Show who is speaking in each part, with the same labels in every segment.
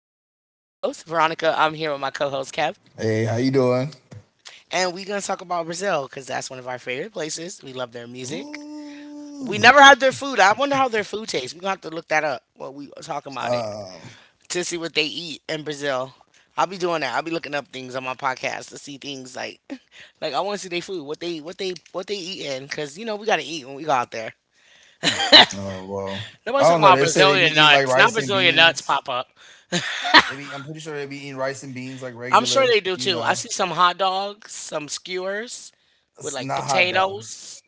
Speaker 1: Veronica. I'm here with my co host, Kev,
Speaker 2: Hey, how you doing?
Speaker 1: and we're going to talk about Brazil because that's one of our favorite places. We love their music.
Speaker 2: Ooh.
Speaker 1: We never had their food. I wonder how their food tastes. We're going to have to look that up while we talk about it
Speaker 2: Um,
Speaker 1: to see what they eat in Brazil. I'll be doing that. I'll be looking up things on my podcast to see things like, like I want to see their food, what they eat in, because you know we gotta eat when we go out there.
Speaker 2: oh well,
Speaker 1: Nobody's
Speaker 2: I don't
Speaker 1: talking
Speaker 2: know.
Speaker 1: about
Speaker 2: They say they be
Speaker 1: Brazilian
Speaker 2: eating like
Speaker 1: nuts. Now
Speaker 2: rice and
Speaker 1: Brazilian nuts
Speaker 2: beans.
Speaker 1: pop up.
Speaker 2: Maybe I'm pretty sure they be eating rice and beans like
Speaker 1: I'm sure
Speaker 2: regular.
Speaker 1: they do
Speaker 2: You
Speaker 1: too. I
Speaker 2: know,
Speaker 1: see some hot dogs, some skewers with
Speaker 2: it's
Speaker 1: like
Speaker 2: not hot dogs.
Speaker 1: potatoes.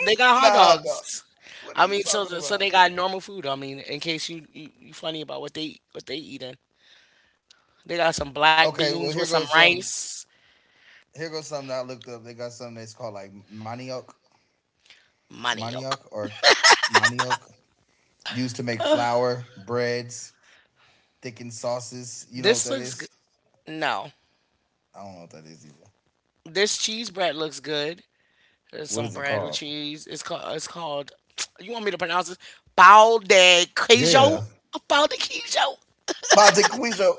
Speaker 1: They got hot
Speaker 2: Not hot dogs.
Speaker 1: dogs.
Speaker 2: What are
Speaker 1: I
Speaker 2: you
Speaker 1: mean, so
Speaker 2: talking
Speaker 1: so
Speaker 2: about?
Speaker 1: they got normal food. I mean, in case you funny about what they eating, they got some black
Speaker 2: Okay,
Speaker 1: beans
Speaker 2: well
Speaker 1: with
Speaker 2: here
Speaker 1: some
Speaker 2: goes some.
Speaker 1: rice,
Speaker 2: Here goes something that I looked up. They got something that's called like manioc,
Speaker 1: manioc.
Speaker 2: manioc or manioc, used to make flour, breads, thickened sauces. You know
Speaker 1: This
Speaker 2: what that
Speaker 1: looks good.
Speaker 2: is?
Speaker 1: No,
Speaker 2: I don't know what that is either.
Speaker 1: this cheese bread looks good. There's
Speaker 2: What
Speaker 1: some
Speaker 2: is it
Speaker 1: bread with
Speaker 2: called?
Speaker 1: cheese. It's called. You want me to pronounce it? Pão de queijo.
Speaker 2: Yeah,
Speaker 1: Pão de queijo.
Speaker 2: Pataquillo.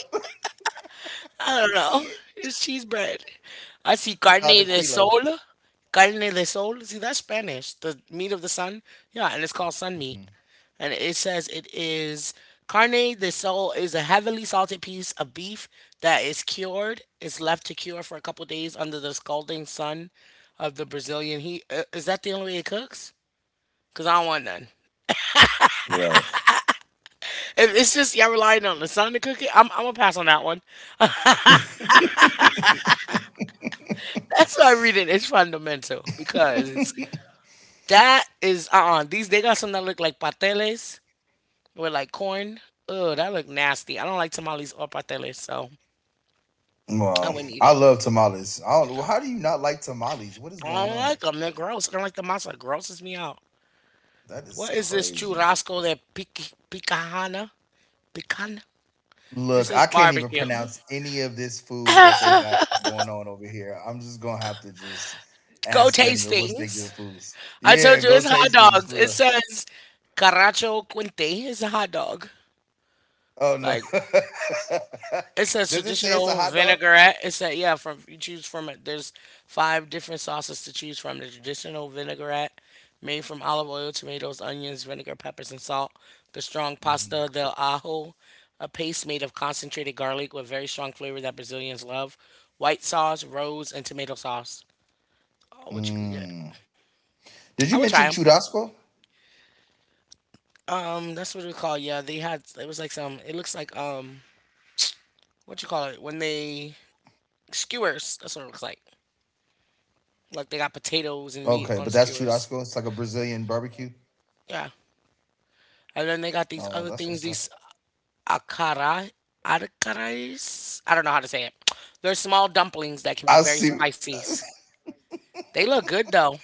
Speaker 1: I don't
Speaker 2: See
Speaker 1: know.
Speaker 2: it.
Speaker 1: It's cheese bread. I see carne de
Speaker 2: Pataquillo.
Speaker 1: sol. Carne de sol. See, that's Spanish. The meat of the sun. Yeah, and it's called sun meat. And it says it is carne de sol is a heavily salted piece of beef that is cured. It's left to cure for a couple days under the scalding sun of the Brazilian heat. Is that the only way it cooks? Cause I don't want none.
Speaker 2: Right.
Speaker 1: If it's just y'all relying on the sun to cook it, I'm gonna pass on that one. That's why reading is fundamental because that is these they got some that look like pateles with like corn. Ugh, that look nasty. I don't like tamales or pateles, so I
Speaker 2: Well,
Speaker 1: wouldn't eat
Speaker 2: I
Speaker 1: it.
Speaker 2: love tamales. I don't, how do you not like tamales? What is
Speaker 1: I
Speaker 2: going
Speaker 1: don't
Speaker 2: on?
Speaker 1: like them. They're gross. I don't like the masa. It grosses me out.
Speaker 2: That is
Speaker 1: What is this
Speaker 2: crazy.
Speaker 1: churrasco that picahana? Picana? It
Speaker 2: Look,
Speaker 1: says
Speaker 2: I can't even
Speaker 1: barbecue.
Speaker 2: pronounce any of this food that they got going on over here. I'm just gonna have to just
Speaker 1: Go
Speaker 2: ask them
Speaker 1: taste
Speaker 2: to what's their good
Speaker 1: things.
Speaker 2: foods.
Speaker 1: I
Speaker 2: Yeah,
Speaker 1: told you
Speaker 2: go
Speaker 1: it's hot
Speaker 2: tastings
Speaker 1: dogs.
Speaker 2: for
Speaker 1: It
Speaker 2: real.
Speaker 1: says caracho quinte. It's a hot dog.
Speaker 2: Oh no.
Speaker 1: Like it says
Speaker 2: Does it say it's a
Speaker 1: traditional
Speaker 2: hot dog?
Speaker 1: vinaigrette. It said yeah, from you choose from it. There's five different sauces to choose from. The traditional vinaigrette made from olive oil, tomatoes, onions, vinegar, peppers, and salt. The strong pasta
Speaker 2: Mhm.
Speaker 1: del ajo, a paste made of concentrated garlic with very strong flavor that Brazilians love. White sauce, rose, and tomato sauce. Oh, what you could get.
Speaker 2: Mm.
Speaker 1: I
Speaker 2: Did
Speaker 1: would
Speaker 2: you
Speaker 1: try them.
Speaker 2: mention churrasco?
Speaker 1: That's what it was called. Yeah, they had. It was like some. It looks like what you call it when they skewers. That's what it looks like. Like they got
Speaker 2: Okay,
Speaker 1: potatoes
Speaker 2: but
Speaker 1: and
Speaker 2: that's
Speaker 1: meat on
Speaker 2: churrasco. It's like
Speaker 1: skewers.
Speaker 2: a Brazilian barbecue.
Speaker 1: Yeah. And then they got these
Speaker 2: No,
Speaker 1: other
Speaker 2: that's what's
Speaker 1: things,
Speaker 2: up.
Speaker 1: these akara, akarais. I don't know how to say it. They're small dumplings that can be
Speaker 2: I
Speaker 1: very
Speaker 2: see.
Speaker 1: spicy. They look good though.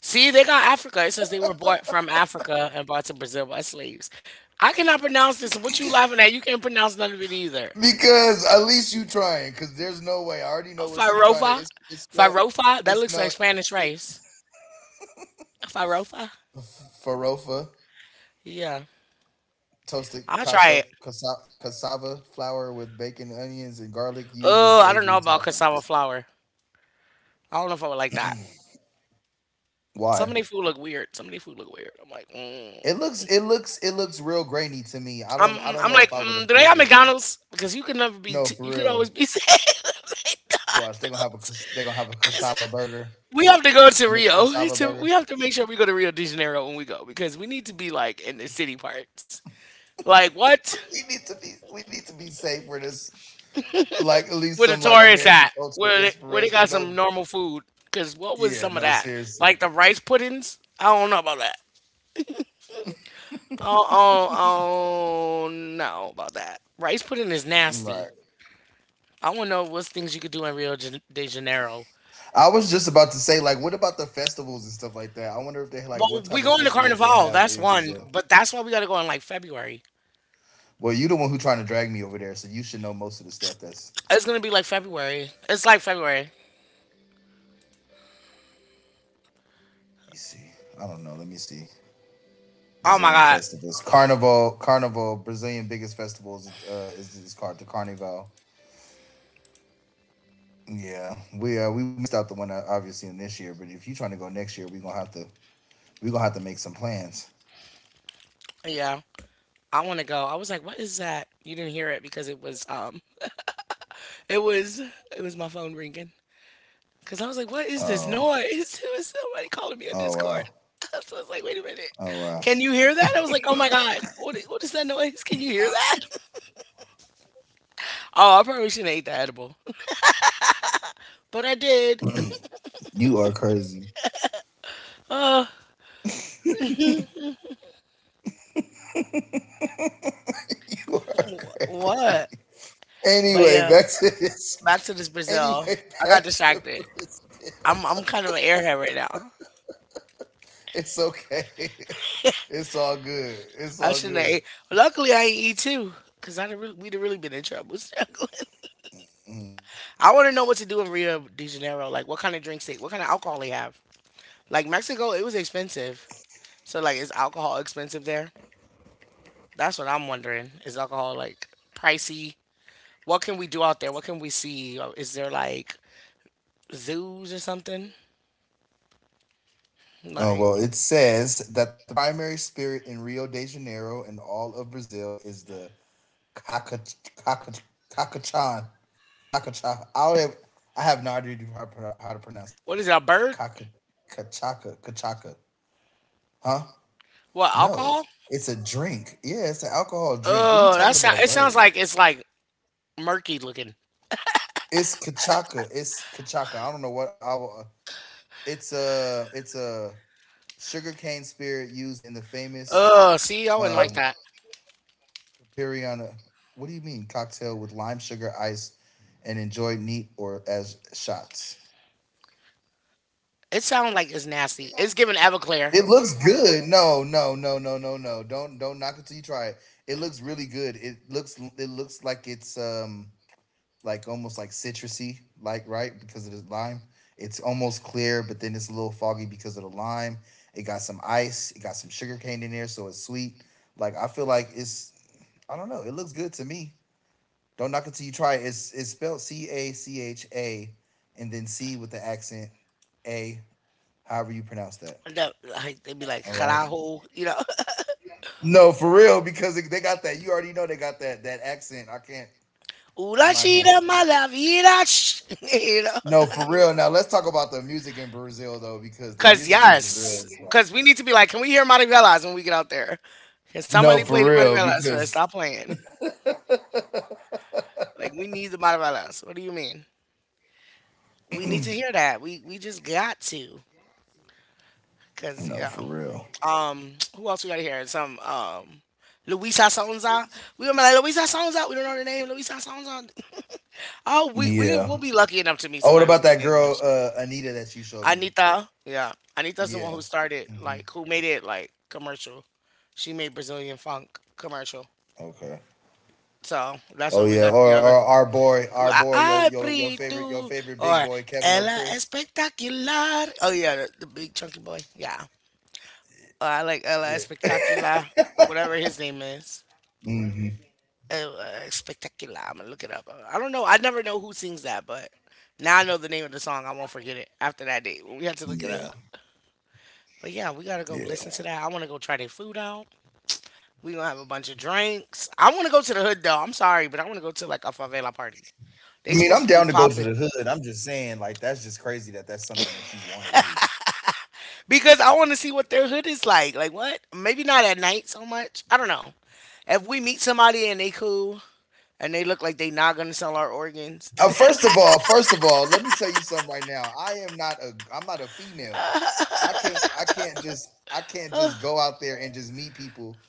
Speaker 1: See, they got Africa. It says they were bought from Africa and brought to Brazil by slaves. I cannot pronounce this. What you laughing at? You can't pronounce none of it either.
Speaker 2: Because at least you trying. Because there's no way. I already
Speaker 1: Oh,
Speaker 2: know what you trying to.
Speaker 1: Farofa?
Speaker 2: It's no.
Speaker 1: Farofa? That
Speaker 2: It's
Speaker 1: looks
Speaker 2: no.
Speaker 1: like Spanish
Speaker 2: It,
Speaker 1: rice. Farofa?
Speaker 2: farofa
Speaker 1: Yeah.
Speaker 2: toasted
Speaker 1: I'll try
Speaker 2: casa,
Speaker 1: it.
Speaker 2: casa, cassava flour with bacon, onions, and garlic used
Speaker 1: Oh,
Speaker 2: as
Speaker 1: I don't know
Speaker 2: savory
Speaker 1: about cassava
Speaker 2: toppings.
Speaker 1: flour. I don't know if I would like that. Some of
Speaker 2: Why?
Speaker 1: their food look weird. Some of their food look weird. I'm like, mm.
Speaker 2: It looks. It looks. It looks real grainy to me. I
Speaker 1: I'm
Speaker 2: don't. I don't
Speaker 1: I'm
Speaker 2: know
Speaker 1: like,
Speaker 2: if I would
Speaker 1: mm, do they have
Speaker 2: appreciate that.
Speaker 1: McDonald's? Because you can never be,
Speaker 2: No, for
Speaker 1: you could
Speaker 2: real.
Speaker 1: always be safe at
Speaker 2: Watch. They gonna have a.
Speaker 1: McDonald's.
Speaker 2: cas- They gonna have a
Speaker 1: 'Cause
Speaker 2: cassava burger.
Speaker 1: we have to go to
Speaker 2: I mean
Speaker 1: Rio.
Speaker 2: cassava
Speaker 1: To we
Speaker 2: burger.
Speaker 1: have to make sure we go to Rio de Janeiro when we go because we need to be like in the city parts. Like what?
Speaker 2: We need to be. We need to be safe for this. Like at least
Speaker 1: Where the
Speaker 2: some like
Speaker 1: tourists
Speaker 2: American
Speaker 1: at?
Speaker 2: culture
Speaker 1: Where they
Speaker 2: inspiration.
Speaker 1: got
Speaker 2: No,
Speaker 1: some normal food? Because what was
Speaker 2: yeah,
Speaker 1: some of
Speaker 2: no,
Speaker 1: that?
Speaker 2: seriously.
Speaker 1: Like the rice puddings? I don't know about that. Oh, oh, oh, no about that. Rice pudding is
Speaker 2: Mm, right.
Speaker 1: nasty. I want to know what's things you could do in Rio de Janeiro.
Speaker 2: I was just about to say, like, what about the festivals and stuff like that? I wonder if they like
Speaker 1: Well,
Speaker 2: what type
Speaker 1: we
Speaker 2: of
Speaker 1: going to
Speaker 2: festivals they
Speaker 1: Carnival.
Speaker 2: have
Speaker 1: That's
Speaker 2: in
Speaker 1: one,
Speaker 2: Brazil.
Speaker 1: but that's why we got to go in like February.
Speaker 2: Well, you the one who trying to drag me over there, so you should know most of the stuff that's,
Speaker 1: It's gonna be like February. It's like February.
Speaker 2: let me see. I don't know. Let me see.
Speaker 1: Oh my
Speaker 2: Brazilian
Speaker 1: god.
Speaker 2: festivals. Carnival. Carnival, Brazilian biggest festivals is called the Carnival. Yeah. We missed out the one obviously in this year, but if you trying to go next year, we're gonna have to we're gonna have to make some plans.
Speaker 1: Yeah, I want to go. I was like, what is that? You didn't hear it because it was it was it was my phone ringing. Cause I was like, what is this
Speaker 2: Oh.
Speaker 1: noise? It was somebody calling me on
Speaker 2: Oh
Speaker 1: Discord.
Speaker 2: wow.
Speaker 1: So I was like, wait a minute.
Speaker 2: Oh wow.
Speaker 1: Can you hear that? I was like, oh my God, what, what is that noise? Can you hear that? Oh, I probably shouldn't have ate that edible. But I did.
Speaker 2: You are crazy. You are crazy.
Speaker 1: What?
Speaker 2: Anyway,
Speaker 1: But
Speaker 2: back
Speaker 1: yeah,
Speaker 2: to this.
Speaker 1: back to this
Speaker 2: Anyway,
Speaker 1: Brazil. I
Speaker 2: back
Speaker 1: got
Speaker 2: to
Speaker 1: distracted.
Speaker 2: Brazil.
Speaker 1: I'm kind of an airhead right now.
Speaker 2: It's okay. It's all good. It's all
Speaker 1: I shouldn't have
Speaker 2: good.
Speaker 1: ate. Luckily, I ain't eat too, cause I'd have really, we'd have really been in trouble.
Speaker 2: Mm.
Speaker 1: I want to know what to do in Rio de Janeiro. Like, what kind of drinks they, what kind of alcohol they have. Like Mexico, it was expensive. So like, is alcohol expensive there? That's what I'm wondering. Is alcohol like pricey? What can we do out there? What can we see? Or is there like zoos or something?
Speaker 2: Oh
Speaker 1: Like,
Speaker 2: well, it says that the primary spirit in Rio de Janeiro and all of Brazil is the caca, caca, cacachan, cacacha. I don't have, I have no idea how to pronounce that.
Speaker 1: what is it? A bird?
Speaker 2: Caca, cachaca, cachaca. Huh?
Speaker 1: What
Speaker 2: No,
Speaker 1: alcohol?
Speaker 2: it's a drink. Yeah, it's an alcohol drink. What are you
Speaker 1: Oh, that
Speaker 2: talking about?
Speaker 1: sound,
Speaker 2: A
Speaker 1: it sounds
Speaker 2: bird?
Speaker 1: like it's like murky looking.
Speaker 2: It's cachaca. It's cachaca. I don't know what I will. It's a sugarcane spirit used in the famous
Speaker 1: Oh, see, I wouldn't like
Speaker 2: um
Speaker 1: that.
Speaker 2: Capiriana. What do you mean cocktail with lime sugar, ice, and enjoyed neat or as shots?
Speaker 1: It sounds like it's nasty. It's giving Everclear.
Speaker 2: It looks good. No, no, no, no, no, no. Don't knock it till you try it. It looks really good. It looks, it looks like it's like almost like citrusy, like right because of the lime. It's almost clear, but then it's a little foggy because of the lime. It got some ice. It got some sugar cane in there, so it's sweet. Like I feel like it's, I don't know. It looks good to me. Don't knock it till you try it. It's spelled CACHA, and then C with the accent A. However you pronounce that.
Speaker 1: Like, they'd be like,
Speaker 2: All right.
Speaker 1: carajo, you know,
Speaker 2: No, for real, because they got that. You already know they got that accent. I can't. I'm
Speaker 1: una
Speaker 2: not him.
Speaker 1: chida malavida, ch-" you know.
Speaker 2: No, for real. Now let's talk about the music in Brazil though, because the
Speaker 1: Because,
Speaker 2: music in Brazil
Speaker 1: yes,
Speaker 2: is like,
Speaker 1: because we need to be like, can we hear Marivelas when we get out there? Can somebody
Speaker 2: no, for
Speaker 1: play the
Speaker 2: real.
Speaker 1: Marivelas first?
Speaker 2: Because
Speaker 1: Stop playing. Like, we need the Marivelas. What do you mean? We need to hear that. We just got to. Because,
Speaker 2: no,
Speaker 1: yeah.
Speaker 2: for real.
Speaker 1: Who else we got here? Some Luisa Sonza. We gonna be like Luisa Sonza. We don't know the name. Luisa Sonza. Oh, we
Speaker 2: Yeah.
Speaker 1: will be lucky enough to meet
Speaker 2: Oh, what
Speaker 1: somebody who
Speaker 2: about that
Speaker 1: speaks
Speaker 2: girl
Speaker 1: English.
Speaker 2: Anita that you showed me?
Speaker 1: Anita. Yeah, Anita's the one
Speaker 2: Yeah.
Speaker 1: who started
Speaker 2: Hmm.
Speaker 1: like who made it like commercial. She made Brazilian funk commercial.
Speaker 2: Okay.
Speaker 1: So that's where
Speaker 2: Oh
Speaker 1: we got
Speaker 2: yeah.
Speaker 1: the
Speaker 2: Or,
Speaker 1: other.
Speaker 2: or our boy,
Speaker 1: I
Speaker 2: your favorite,
Speaker 1: Prito
Speaker 2: your favorite
Speaker 1: or
Speaker 2: big boy,
Speaker 1: Ella
Speaker 2: Kevin O'Chris.
Speaker 1: Espectacular. Oh yeah, the big chunky boy. Yeah, I like Ella
Speaker 2: Yeah.
Speaker 1: Espectacular. Whatever his name is.
Speaker 2: Hmm.
Speaker 1: Spectacular. I'm gonna look it up. I don't know. I never know who sings that, but now I know the name of the song. I won't forget it after that day. We have to look it up.
Speaker 2: Yeah.
Speaker 1: But yeah, we gotta go listen
Speaker 2: Yeah.
Speaker 1: to that. I want to go try their food out. We gonna have a bunch of drinks. I want to go to the hood though. I'm sorry, but I want to go to like a favela party. They
Speaker 2: I mean,
Speaker 1: supposed
Speaker 2: I'm
Speaker 1: to be
Speaker 2: down to go to
Speaker 1: popping
Speaker 2: the hood. I'm just saying, like, that's just crazy that that's something that you want to do.
Speaker 1: because I want to see what their hood is like. Like what? Maybe not at night so much. I don't know. If we meet somebody and they cool and they look like they not gonna sell our organs,
Speaker 2: First of all, let me tell you something right now. I'm not a female. I can't just go out there and just meet people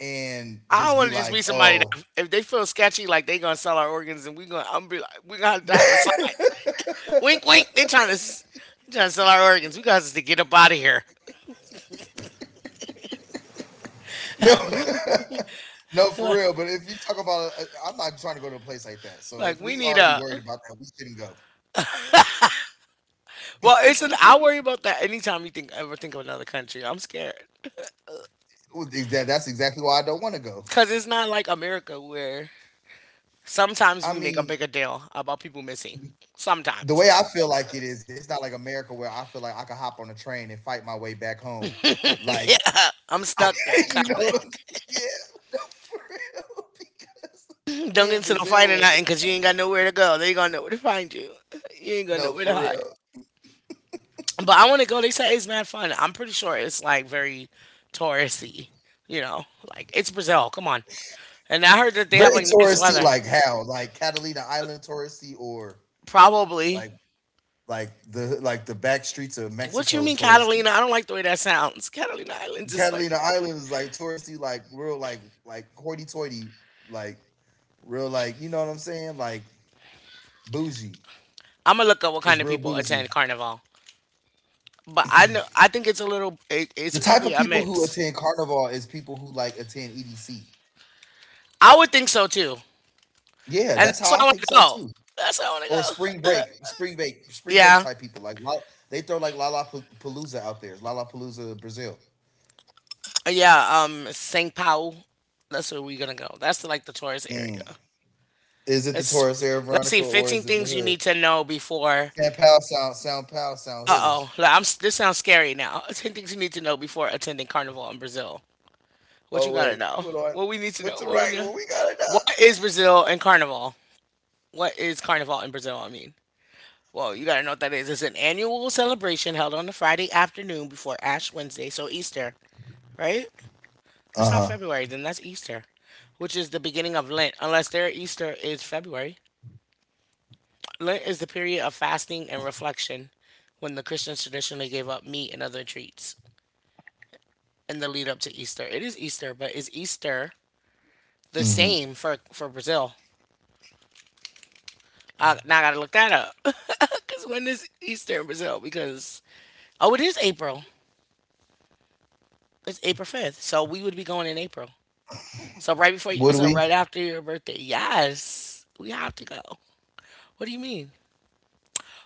Speaker 2: and
Speaker 1: I
Speaker 2: just be
Speaker 1: want to just
Speaker 2: like,
Speaker 1: meet somebody that
Speaker 2: oh,
Speaker 1: if they feel sketchy, like they gonna sell our organs, and we gonna I'm be like we gonna have to have a sign.
Speaker 2: no,
Speaker 1: Wink, wink. They trying to sell our organs. We got us to get up out of here.
Speaker 2: no, for real. But if you talk about, I'm not trying to go to a place like that. So if
Speaker 1: Like we
Speaker 2: we
Speaker 1: need
Speaker 2: already
Speaker 1: a.
Speaker 2: worried about that, we shouldn't go.
Speaker 1: Well, it's an. I worry about that anytime you think ever think of another country. I'm scared
Speaker 2: Well, that's exactly why I don't want to go.
Speaker 1: because it's not like America where sometimes
Speaker 2: I
Speaker 1: we make a
Speaker 2: mean,
Speaker 1: bigger deal about people missing.
Speaker 2: the
Speaker 1: Sometimes,
Speaker 2: way I feel like it is, it's not like America where I feel like I could hop on a train and fight my way back home. Like
Speaker 1: yeah, I'm stuck there.
Speaker 2: you
Speaker 1: Kind
Speaker 2: know
Speaker 1: of.
Speaker 2: what I'm saying? Yeah, no, for real. Because
Speaker 1: Don't get
Speaker 2: we in
Speaker 1: into no fight
Speaker 2: Brazil
Speaker 1: or
Speaker 2: with it.
Speaker 1: nothing because you ain't got nowhere to go. They gonna know where to find you. You ain't gonna know
Speaker 2: No,
Speaker 1: where to
Speaker 2: for
Speaker 1: hide.
Speaker 2: real.
Speaker 1: But I want to go. They said it's mad fun. I'm pretty sure it's like very touristy. You know, like it's Brazil. Come on. And I heard that they have
Speaker 2: Very
Speaker 1: like nice
Speaker 2: touristy,
Speaker 1: weather.
Speaker 2: like how? Like Catalina Island touristy or
Speaker 1: Probably.
Speaker 2: like like the, like the back streets of
Speaker 1: What you
Speaker 2: Mexico
Speaker 1: mean,
Speaker 2: touristy.
Speaker 1: Catalina? I don't like the way that sounds. Catalina Islands is like.
Speaker 2: Catalina Island is like touristy, like real like hoity toity, like real like, you know what I'm saying? Like bougie.
Speaker 1: I'm gonna look up what
Speaker 2: It's
Speaker 1: kind of
Speaker 2: real
Speaker 1: people attend
Speaker 2: bougie.
Speaker 1: Carnival. But I know. I think it's a little. It,
Speaker 2: The
Speaker 1: it's
Speaker 2: type
Speaker 1: probably
Speaker 2: of
Speaker 1: a
Speaker 2: people who
Speaker 1: mix.
Speaker 2: attend carnival is people who like attend EDC.
Speaker 1: I would think so too.
Speaker 2: Yeah,
Speaker 1: And
Speaker 2: that's
Speaker 1: that's
Speaker 2: how
Speaker 1: where I
Speaker 2: I
Speaker 1: want to
Speaker 2: think so
Speaker 1: go.
Speaker 2: too.
Speaker 1: That's where I want to
Speaker 2: Or
Speaker 1: go.
Speaker 2: spring break
Speaker 1: Yeah.
Speaker 2: type people. Like La-, they throw like Lollapalooza out there. It's Lollapalooza, Brazil.
Speaker 1: Yeah. Saint Paul. That's where we're gonna go. That's the, like the tourist area.
Speaker 2: Mm. Is it the Taurus
Speaker 1: It's
Speaker 2: Air
Speaker 1: let's
Speaker 2: Veronica
Speaker 1: see,
Speaker 2: or
Speaker 1: 15
Speaker 2: is it the
Speaker 1: things you
Speaker 2: hood?
Speaker 1: need to know before.
Speaker 2: San Pal sound, sound pal sound
Speaker 1: Uh
Speaker 2: hoodish.
Speaker 1: oh, I'm. This sounds scary now. 10 things you need to know before attending Carnival in Brazil. What you
Speaker 2: Oh
Speaker 1: gotta
Speaker 2: wait,
Speaker 1: know?
Speaker 2: what do I?
Speaker 1: What we need to
Speaker 2: What's
Speaker 1: know?
Speaker 2: the
Speaker 1: What we
Speaker 2: right?
Speaker 1: know?
Speaker 2: What we got it
Speaker 1: What
Speaker 2: up?
Speaker 1: is Brazil and Carnival? What is Carnival in Brazil? I mean, well, you gotta know what that is. It's an annual celebration held on the Friday afternoon before Ash Wednesday, so Easter, right? That's
Speaker 2: Uh
Speaker 1: not
Speaker 2: huh.
Speaker 1: February, then that's Easter, which is the beginning of Lent, unless their Easter is February. Lent is the period of fasting and reflection when the Christians traditionally gave up meat and other treats in the lead up to Easter. It is Easter, but is Easter the
Speaker 2: Mm-hmm.
Speaker 1: same for Brazil? Now I gotta look that up. Because when is Easter in Brazil? Because, oh, it is April. It's April 5th. So we would be going in April. So right before, you-
Speaker 2: Would
Speaker 1: so
Speaker 2: we?
Speaker 1: right after your birthday. Yes, we have to go. What do you mean?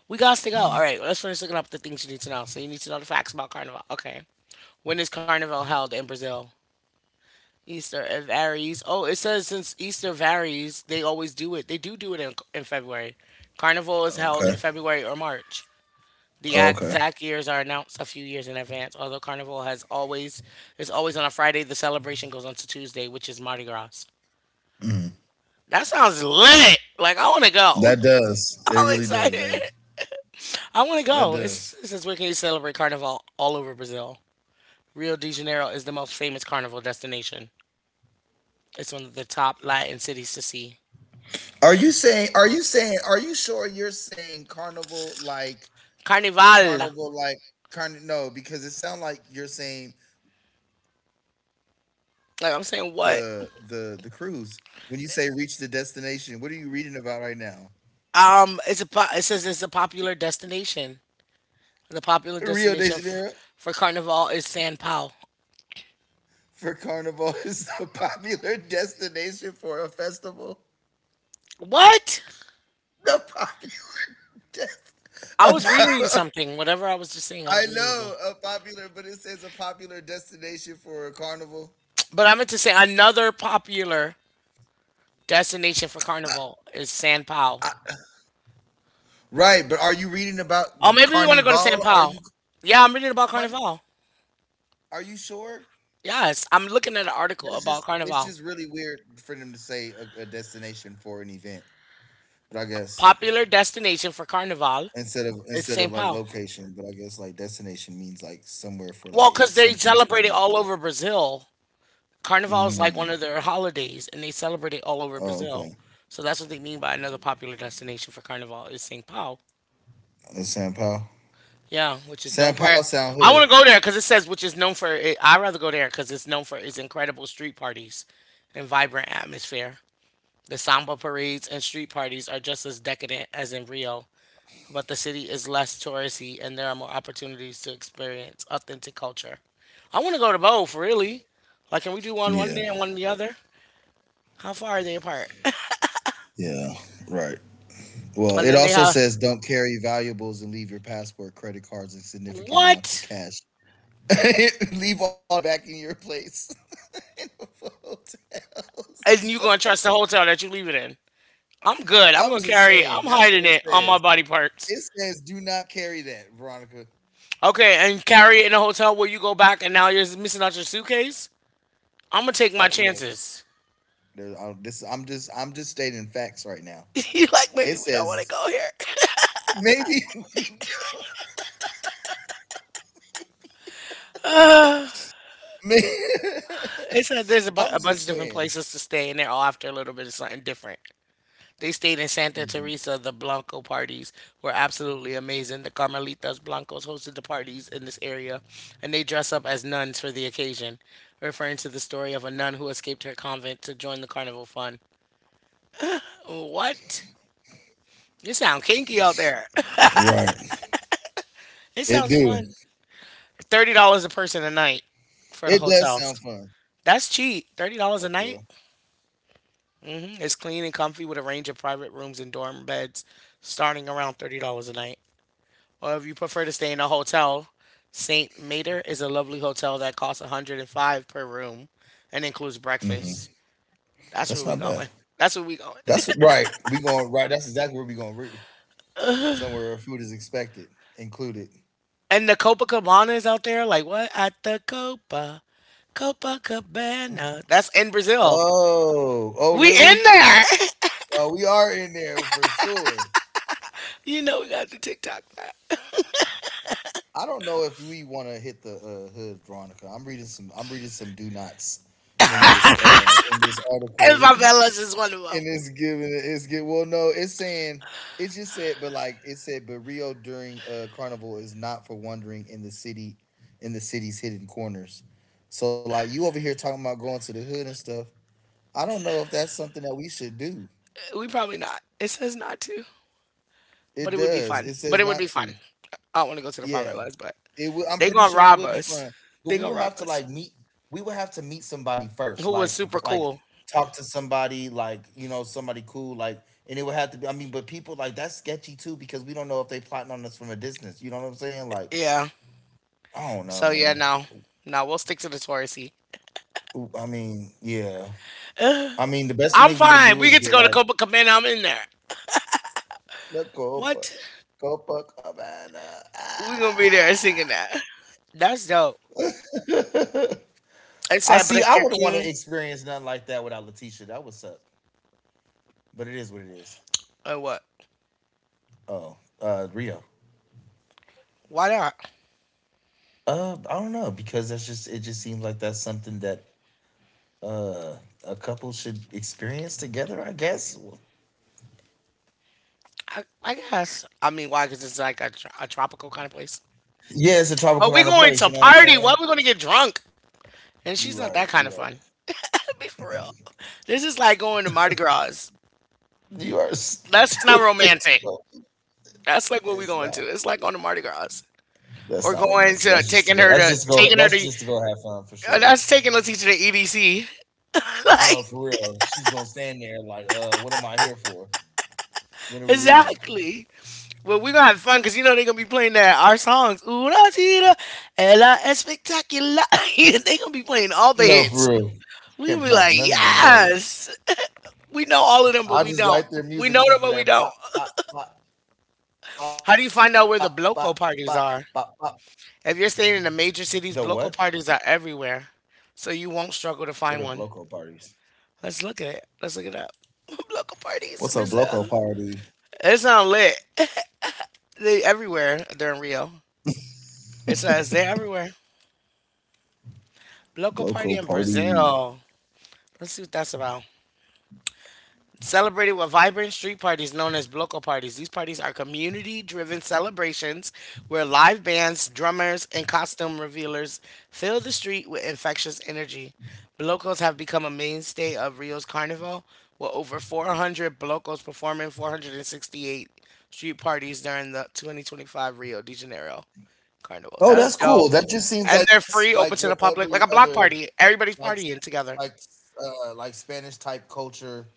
Speaker 1: We got to go. All
Speaker 2: Mm.
Speaker 1: right, let's finish looking up the things you need to know. So you need to know the facts about Carnival. Okay. When is Carnival held in Brazil? Easter it varies. Oh, it says since Easter varies, they always do it. They do do it in February. Carnival is held
Speaker 2: Okay.
Speaker 1: in February or March. The
Speaker 2: Oh, okay.
Speaker 1: exact years are announced a few years in advance. Although Carnival has always Is always on a Friday, the celebration goes on to Tuesday, which is Mardi Gras.
Speaker 2: Mm.
Speaker 1: That sounds lit. Like I want to go.
Speaker 2: That does. It
Speaker 1: I'm
Speaker 2: really does.
Speaker 1: excited.
Speaker 2: That,
Speaker 1: I want to
Speaker 2: that
Speaker 1: go. It's
Speaker 2: does.
Speaker 1: it says where can you celebrate Carnival all over Brazil? Rio de Janeiro is the most famous carnival destination. It's one of the top Latin cities to see.
Speaker 2: Are you sure you're saying
Speaker 1: Carnival.
Speaker 2: carnival like carn, no because it sounds like you're saying carnival like
Speaker 1: Like I'm
Speaker 2: the
Speaker 1: saying, what?
Speaker 2: the the cruise when you say reach the destination, what are you reading about right now?
Speaker 1: It's a it says it's a popular destination. The popular
Speaker 2: Rio de
Speaker 1: destination
Speaker 2: Janeiro
Speaker 1: for Carnival is San Pao.
Speaker 2: for carnival is the popular destination for a festival,
Speaker 1: What?
Speaker 2: the popular dest-,
Speaker 1: I
Speaker 2: a
Speaker 1: was reading you
Speaker 2: po-,
Speaker 1: something. Whatever I was just saying, I
Speaker 2: I
Speaker 1: was reading you
Speaker 2: know
Speaker 1: something.
Speaker 2: a popular, but it says a popular destination for a carnival.
Speaker 1: But I meant to say another popular destination for Carnival is San Pao.
Speaker 2: I, right but are you reading about
Speaker 1: Oh, maybe we want to go to San
Speaker 2: carnival, are
Speaker 1: Pao.
Speaker 2: you,
Speaker 1: Yeah, I'm reading about
Speaker 2: my,
Speaker 1: Carnival.
Speaker 2: are you sure?
Speaker 1: Yes, I'm looking at an article
Speaker 2: That's
Speaker 1: about
Speaker 2: just, it's
Speaker 1: Carnival.
Speaker 2: just really weird for them to say a destination for an event. But I guess
Speaker 1: Popular destination for Carnival
Speaker 2: instead of
Speaker 1: is
Speaker 2: instead
Speaker 1: San
Speaker 2: of like
Speaker 1: Pao.
Speaker 2: location, but I guess like destination means like somewhere for like
Speaker 1: Well,
Speaker 2: a
Speaker 1: because they
Speaker 2: something to
Speaker 1: celebrate it
Speaker 2: land.
Speaker 1: all over Brazil. Carnival is like one
Speaker 2: Mm.
Speaker 1: of their holidays, and they celebrate it all over
Speaker 2: Oh,
Speaker 1: Brazil.
Speaker 2: okay.
Speaker 1: So that's what they mean by another popular destination for Carnival is São Paulo.
Speaker 2: San Pao.
Speaker 1: Yeah, which is
Speaker 2: San
Speaker 1: known for.
Speaker 2: Pao sound
Speaker 1: I want
Speaker 2: hood.
Speaker 1: to go there because it says which is known for. It, I'd rather go there because it's known for its incredible street parties and vibrant atmosphere. The samba parades and street parties are just as decadent as in Rio, but the city is less touristy and there are more opportunities to experience authentic culture. I want to go to both, really. Like, can we do one one
Speaker 2: Yeah.
Speaker 1: day and one the other? How far are they apart?
Speaker 2: Yeah. Right. Well,
Speaker 1: And
Speaker 2: it
Speaker 1: then they
Speaker 2: also
Speaker 1: have
Speaker 2: says don't carry valuables and leave your passport, credit cards, and significant amounts of
Speaker 1: what?
Speaker 2: cash. Leave all that back in your place in the hotels.
Speaker 1: And you
Speaker 2: So
Speaker 1: gonna trust the hotel that you leave it in? I'm good. I'm
Speaker 2: I'm
Speaker 1: gonna
Speaker 2: just
Speaker 1: carry it.
Speaker 2: saying.
Speaker 1: I'm
Speaker 2: That's what
Speaker 1: hiding
Speaker 2: it
Speaker 1: it on
Speaker 2: says.
Speaker 1: my body parts.
Speaker 2: It says, "Do not carry that, Veronica."
Speaker 1: Okay, and carry it in a hotel where you go back and now you're missing out your suitcase. I'm gonna take my
Speaker 2: Look,
Speaker 1: chances.
Speaker 2: I'm just stating facts right now.
Speaker 1: You like
Speaker 2: It
Speaker 1: maybe we don't want to
Speaker 2: says
Speaker 1: go here.
Speaker 2: maybe, maybe
Speaker 1: It's a, there's a,
Speaker 2: I'm
Speaker 1: a bunch of
Speaker 2: just
Speaker 1: different
Speaker 2: saying.
Speaker 1: places to stay and they're all after a little bit of something different. They stayed in Santa
Speaker 2: Mhm.
Speaker 1: Teresa. The Blanco parties were absolutely amazing. The Carmelitas Blancos hosted the parties in this area, and they dress up as nuns for the occasion, referring to the story of a nun who escaped her convent to join the carnival fun. What? It sounds kinky
Speaker 2: Right.
Speaker 1: out there.
Speaker 2: It do.
Speaker 1: It sounds fun. $30 a person a night
Speaker 2: It does sound
Speaker 1: for the
Speaker 2: fun.
Speaker 1: hotels. That's cheap.
Speaker 2: Oh, for
Speaker 1: Thirty
Speaker 2: real.
Speaker 1: dollars a night. Mm, it's clean and comfy with a range of private rooms and dorm beds, starting around $30 a night, or if you prefer to stay in a hotel, St. Mater is a lovely hotel that costs 105 per room and includes breakfast.
Speaker 2: Hmm.
Speaker 1: That's where
Speaker 2: That's
Speaker 1: we
Speaker 2: not bad.
Speaker 1: going. That's where we going.
Speaker 2: That's right. We going right. That's exactly where we going. We somewhere where food is expected, included.
Speaker 1: And the Copacabana is out there. Like what? At the Copa, Copacabana. That's in Brazil.
Speaker 2: Oh, oh,
Speaker 1: We in
Speaker 2: really?
Speaker 1: there.
Speaker 2: Oh, we are in there for sure.
Speaker 1: You know we got the TikTok that.
Speaker 2: I don't know if we want to hit the hood, Veronica. I'm reading some do nots in this
Speaker 1: And
Speaker 2: article, and
Speaker 1: Favelas is one of them.
Speaker 2: it's giving it's get well. No, it's saying it just said, but like it said, but Rio during carnival is not for wandering in the city, in the city's hidden corners. So like you over here talking about going to the hood and stuff. I don't know if that's something that we should do.
Speaker 1: We probably not. It says not to,
Speaker 2: It
Speaker 1: but it would be
Speaker 2: does.
Speaker 1: fun.
Speaker 2: It
Speaker 1: But
Speaker 2: says
Speaker 1: it would
Speaker 2: not
Speaker 1: be
Speaker 2: to.
Speaker 1: fun. I don't want to go to the
Speaker 2: Yeah.
Speaker 1: Favelas, but
Speaker 2: It would. I'm
Speaker 1: they
Speaker 2: pretty
Speaker 1: gonna
Speaker 2: sure it
Speaker 1: rob
Speaker 2: would be fun,
Speaker 1: us.
Speaker 2: but
Speaker 1: They
Speaker 2: we
Speaker 1: gonna
Speaker 2: would
Speaker 1: rob
Speaker 2: have to
Speaker 1: us.
Speaker 2: like meet. We would have to meet somebody first,
Speaker 1: Who was
Speaker 2: like v-
Speaker 1: super
Speaker 2: like
Speaker 1: cool.
Speaker 2: talk to somebody, like you know somebody cool, like, and it would have to be. I mean, but people like that's sketchy too because we don't know if they plotting on us from a distance. You know what I'm saying? Like
Speaker 1: Yeah.
Speaker 2: I don't know,
Speaker 1: So yeah,
Speaker 2: man.
Speaker 1: no, no, we'll stick to the touristy.
Speaker 2: Ooh, I mean, yeah. I mean, the best
Speaker 1: I'm
Speaker 2: thing we can
Speaker 1: fine.
Speaker 2: do
Speaker 1: We
Speaker 2: is
Speaker 1: get to
Speaker 2: get
Speaker 1: go to
Speaker 2: like
Speaker 1: Copacabana. I'm in there.
Speaker 2: the Copa,
Speaker 1: What?
Speaker 2: Copacabana.
Speaker 1: We gonna be there
Speaker 2: Ah.
Speaker 1: singing that. That's dope. It's
Speaker 2: I
Speaker 1: sad, but
Speaker 2: see.
Speaker 1: if
Speaker 2: I
Speaker 1: you're
Speaker 2: wouldn't want
Speaker 1: king,
Speaker 2: to experience nothing like that without Letitia. That would suck. But it is what it is.
Speaker 1: or what?
Speaker 2: Oh, Rio.
Speaker 1: Why not?
Speaker 2: I don't know because that's just it. Just seems like that's something that uh a couple should experience together. I guess.
Speaker 1: I guess. I mean, why? Because it's like a, a tropical kind of place.
Speaker 2: Yeah, it's a
Speaker 1: But
Speaker 2: tropical
Speaker 1: we
Speaker 2: kind of
Speaker 1: going
Speaker 2: place.
Speaker 1: to
Speaker 2: You know what I'm
Speaker 1: party.
Speaker 2: saying?
Speaker 1: What? We gonna get drunk? And she's
Speaker 2: You
Speaker 1: not
Speaker 2: right.
Speaker 1: that kind of
Speaker 2: You right.
Speaker 1: fun. Be for real. This is like going to Mardi Gras.
Speaker 2: You are
Speaker 1: That's not
Speaker 2: stupid.
Speaker 1: romantic.
Speaker 2: No,
Speaker 1: That's like what we
Speaker 2: it's
Speaker 1: going to.
Speaker 2: not.
Speaker 1: It's like on the Mardi Gras.
Speaker 2: That's
Speaker 1: Or
Speaker 2: not
Speaker 1: going
Speaker 2: romantic.
Speaker 1: to
Speaker 2: That's just to go. That's just to go.
Speaker 1: taking her
Speaker 2: That's
Speaker 1: to
Speaker 2: just to go have fun for sure.
Speaker 1: that's taking a teacher to EDC.
Speaker 2: No,
Speaker 1: Like
Speaker 2: for real. She's gonna stand there like, what am I here for? When are we leaving?
Speaker 1: exactly. Well, we're gonna have fun because you know they're gonna be playing that our songs. Una tira, ella es espectacular. They gonna be playing all the
Speaker 2: No,
Speaker 1: hits.
Speaker 2: for real.
Speaker 1: We
Speaker 2: Can't
Speaker 1: gonna be
Speaker 2: pronounce
Speaker 1: like,
Speaker 2: none of these words.
Speaker 1: yes, we know all of them, but
Speaker 2: I
Speaker 1: we
Speaker 2: just
Speaker 1: don't.
Speaker 2: like their
Speaker 1: We
Speaker 2: music.
Speaker 1: know
Speaker 2: It
Speaker 1: them,
Speaker 2: just be
Speaker 1: but we
Speaker 2: like
Speaker 1: don't.
Speaker 2: pop pop pop pop pop pop
Speaker 1: How do you
Speaker 2: pop
Speaker 1: find out
Speaker 2: pop
Speaker 1: where the
Speaker 2: pop
Speaker 1: bloco
Speaker 2: pop
Speaker 1: parties
Speaker 2: pop.
Speaker 1: are? If you're staying in the major
Speaker 2: The
Speaker 1: cities,
Speaker 2: what?
Speaker 1: bloco parties are everywhere, so you won't struggle to
Speaker 2: What
Speaker 1: find
Speaker 2: are
Speaker 1: one.
Speaker 2: bloco parties?
Speaker 1: Let's look at it. Let's look it up. Local parties in
Speaker 2: What's a bloco
Speaker 1: Brazil.
Speaker 2: party?
Speaker 1: It's not lit. They everywhere. They're in Rio. It says they're everywhere. Local
Speaker 2: Bloco
Speaker 1: party in
Speaker 2: party.
Speaker 1: Brazil. Let's see what that's about. Celebrated with vibrant street parties known as bloco parties. These parties are community driven celebrations where live bands, drummers, and costume revealers fill the street with infectious energy. Blocos have become a mainstay of Rio's carnival, with over 400 blocos performing 468 street parties during the 2025 Rio de Janeiro carnival.
Speaker 2: Oh,
Speaker 1: That's
Speaker 2: that's
Speaker 1: dope.
Speaker 2: cool. That just seems
Speaker 1: And
Speaker 2: like
Speaker 1: they're
Speaker 2: that's
Speaker 1: free,
Speaker 2: like
Speaker 1: open to the
Speaker 2: what
Speaker 1: public, like
Speaker 2: every
Speaker 1: a block
Speaker 2: other
Speaker 1: party. Everybody's
Speaker 2: like
Speaker 1: partying together.
Speaker 2: like like Spanish type culture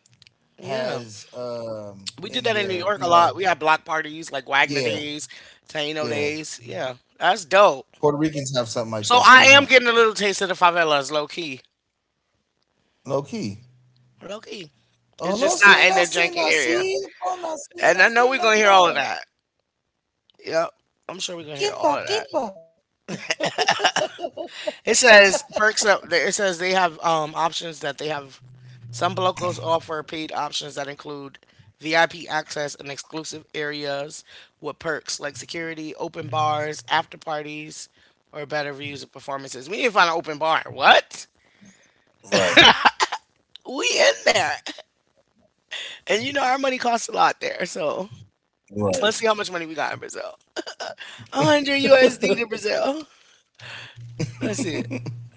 Speaker 1: Yeah.
Speaker 2: has
Speaker 1: We did
Speaker 2: in
Speaker 1: that in New
Speaker 2: their
Speaker 1: York a lot. We had block parties like Wagner
Speaker 2: yeah,
Speaker 1: Days, Taino
Speaker 2: yeah,
Speaker 1: Days. Yeah, that's dope.
Speaker 2: Puerto Ricans have something like
Speaker 1: So
Speaker 2: that
Speaker 1: I
Speaker 2: too,
Speaker 1: am
Speaker 2: huh?
Speaker 1: getting a little taste of the favelas, low key.
Speaker 2: Low key.
Speaker 1: Low key.
Speaker 2: Olo
Speaker 1: It's just
Speaker 2: sina
Speaker 1: not in the
Speaker 2: sina
Speaker 1: janky area.
Speaker 2: sipo na sina
Speaker 1: And I know
Speaker 2: sina
Speaker 1: we're gonna
Speaker 2: to.
Speaker 1: hear all of that. Yep. I'm sure we're gonna hear
Speaker 2: Kimpa
Speaker 1: all of that.
Speaker 2: kimpa.
Speaker 1: It says perks up. It says they have options that they have. Some Blocos offer paid options that include VIP access and exclusive areas with perks like security, open bars, after parties, or better views of performances. We need to find an open bar. What?
Speaker 2: Right,
Speaker 1: We in there, and you know our money costs a lot there. So let's see
Speaker 2: right.
Speaker 1: how much money we got in Brazil. 100 USD to Brazil. Let's see it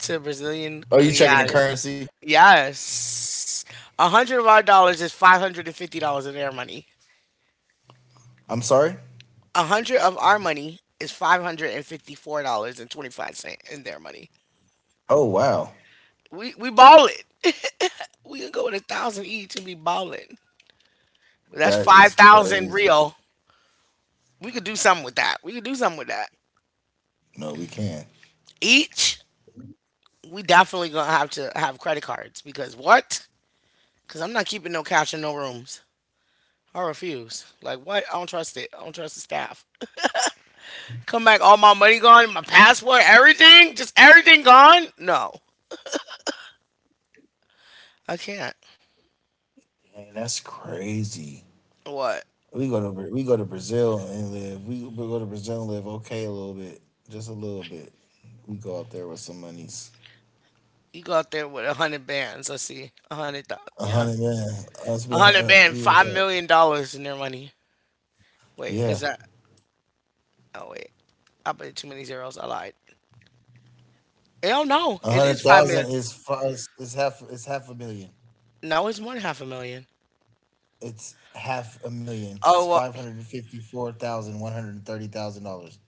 Speaker 1: to Brazilian
Speaker 2: Oh, you checking the
Speaker 1: real.
Speaker 2: currency?
Speaker 1: Yes. A hundred of our dollars is $550 of their money.
Speaker 2: I'm sorry.
Speaker 1: A hundred of our money is $554 and 25 cent in their money.
Speaker 2: Oh wow,
Speaker 1: We ball it. We can go with a thousand each and be balling. That's
Speaker 2: that is
Speaker 1: 5,000
Speaker 2: crazy.
Speaker 1: real. We could do something with that. We could do something with that.
Speaker 2: No, we can't.
Speaker 1: Each, we definitely gonna have to have credit cards because what? Because I'm not keeping no cash in no rooms. I refuse. Like what? I don't trust it. I don't trust the staff. Come back, all my money gone, my passport, everything, just everything gone. No, I can't.
Speaker 2: Man, that's crazy.
Speaker 1: What?
Speaker 2: We go to Brazil and live. We go to Brazil and live okay a little bit, just a little bit. We go out there with some monies.
Speaker 1: You go out there with a hundred bands. Let's see, a hundred.
Speaker 2: A
Speaker 1: Yeah,
Speaker 2: hundred, yeah. Us be,
Speaker 1: a hundred band, five
Speaker 2: yeah,
Speaker 1: million dollars in their money. Wait,
Speaker 2: yeah.
Speaker 1: is that? Oh wait, I put too many zeros. I lied. Hell no,
Speaker 2: A
Speaker 1: it
Speaker 2: hundred
Speaker 1: is five
Speaker 2: thousand
Speaker 1: million.
Speaker 2: is half a million.
Speaker 1: No, it's more than half a million.
Speaker 2: It's half a million. It's
Speaker 1: Oh well,
Speaker 2: five hundred and fifty four thousand one hundred and thirty thousand dollars.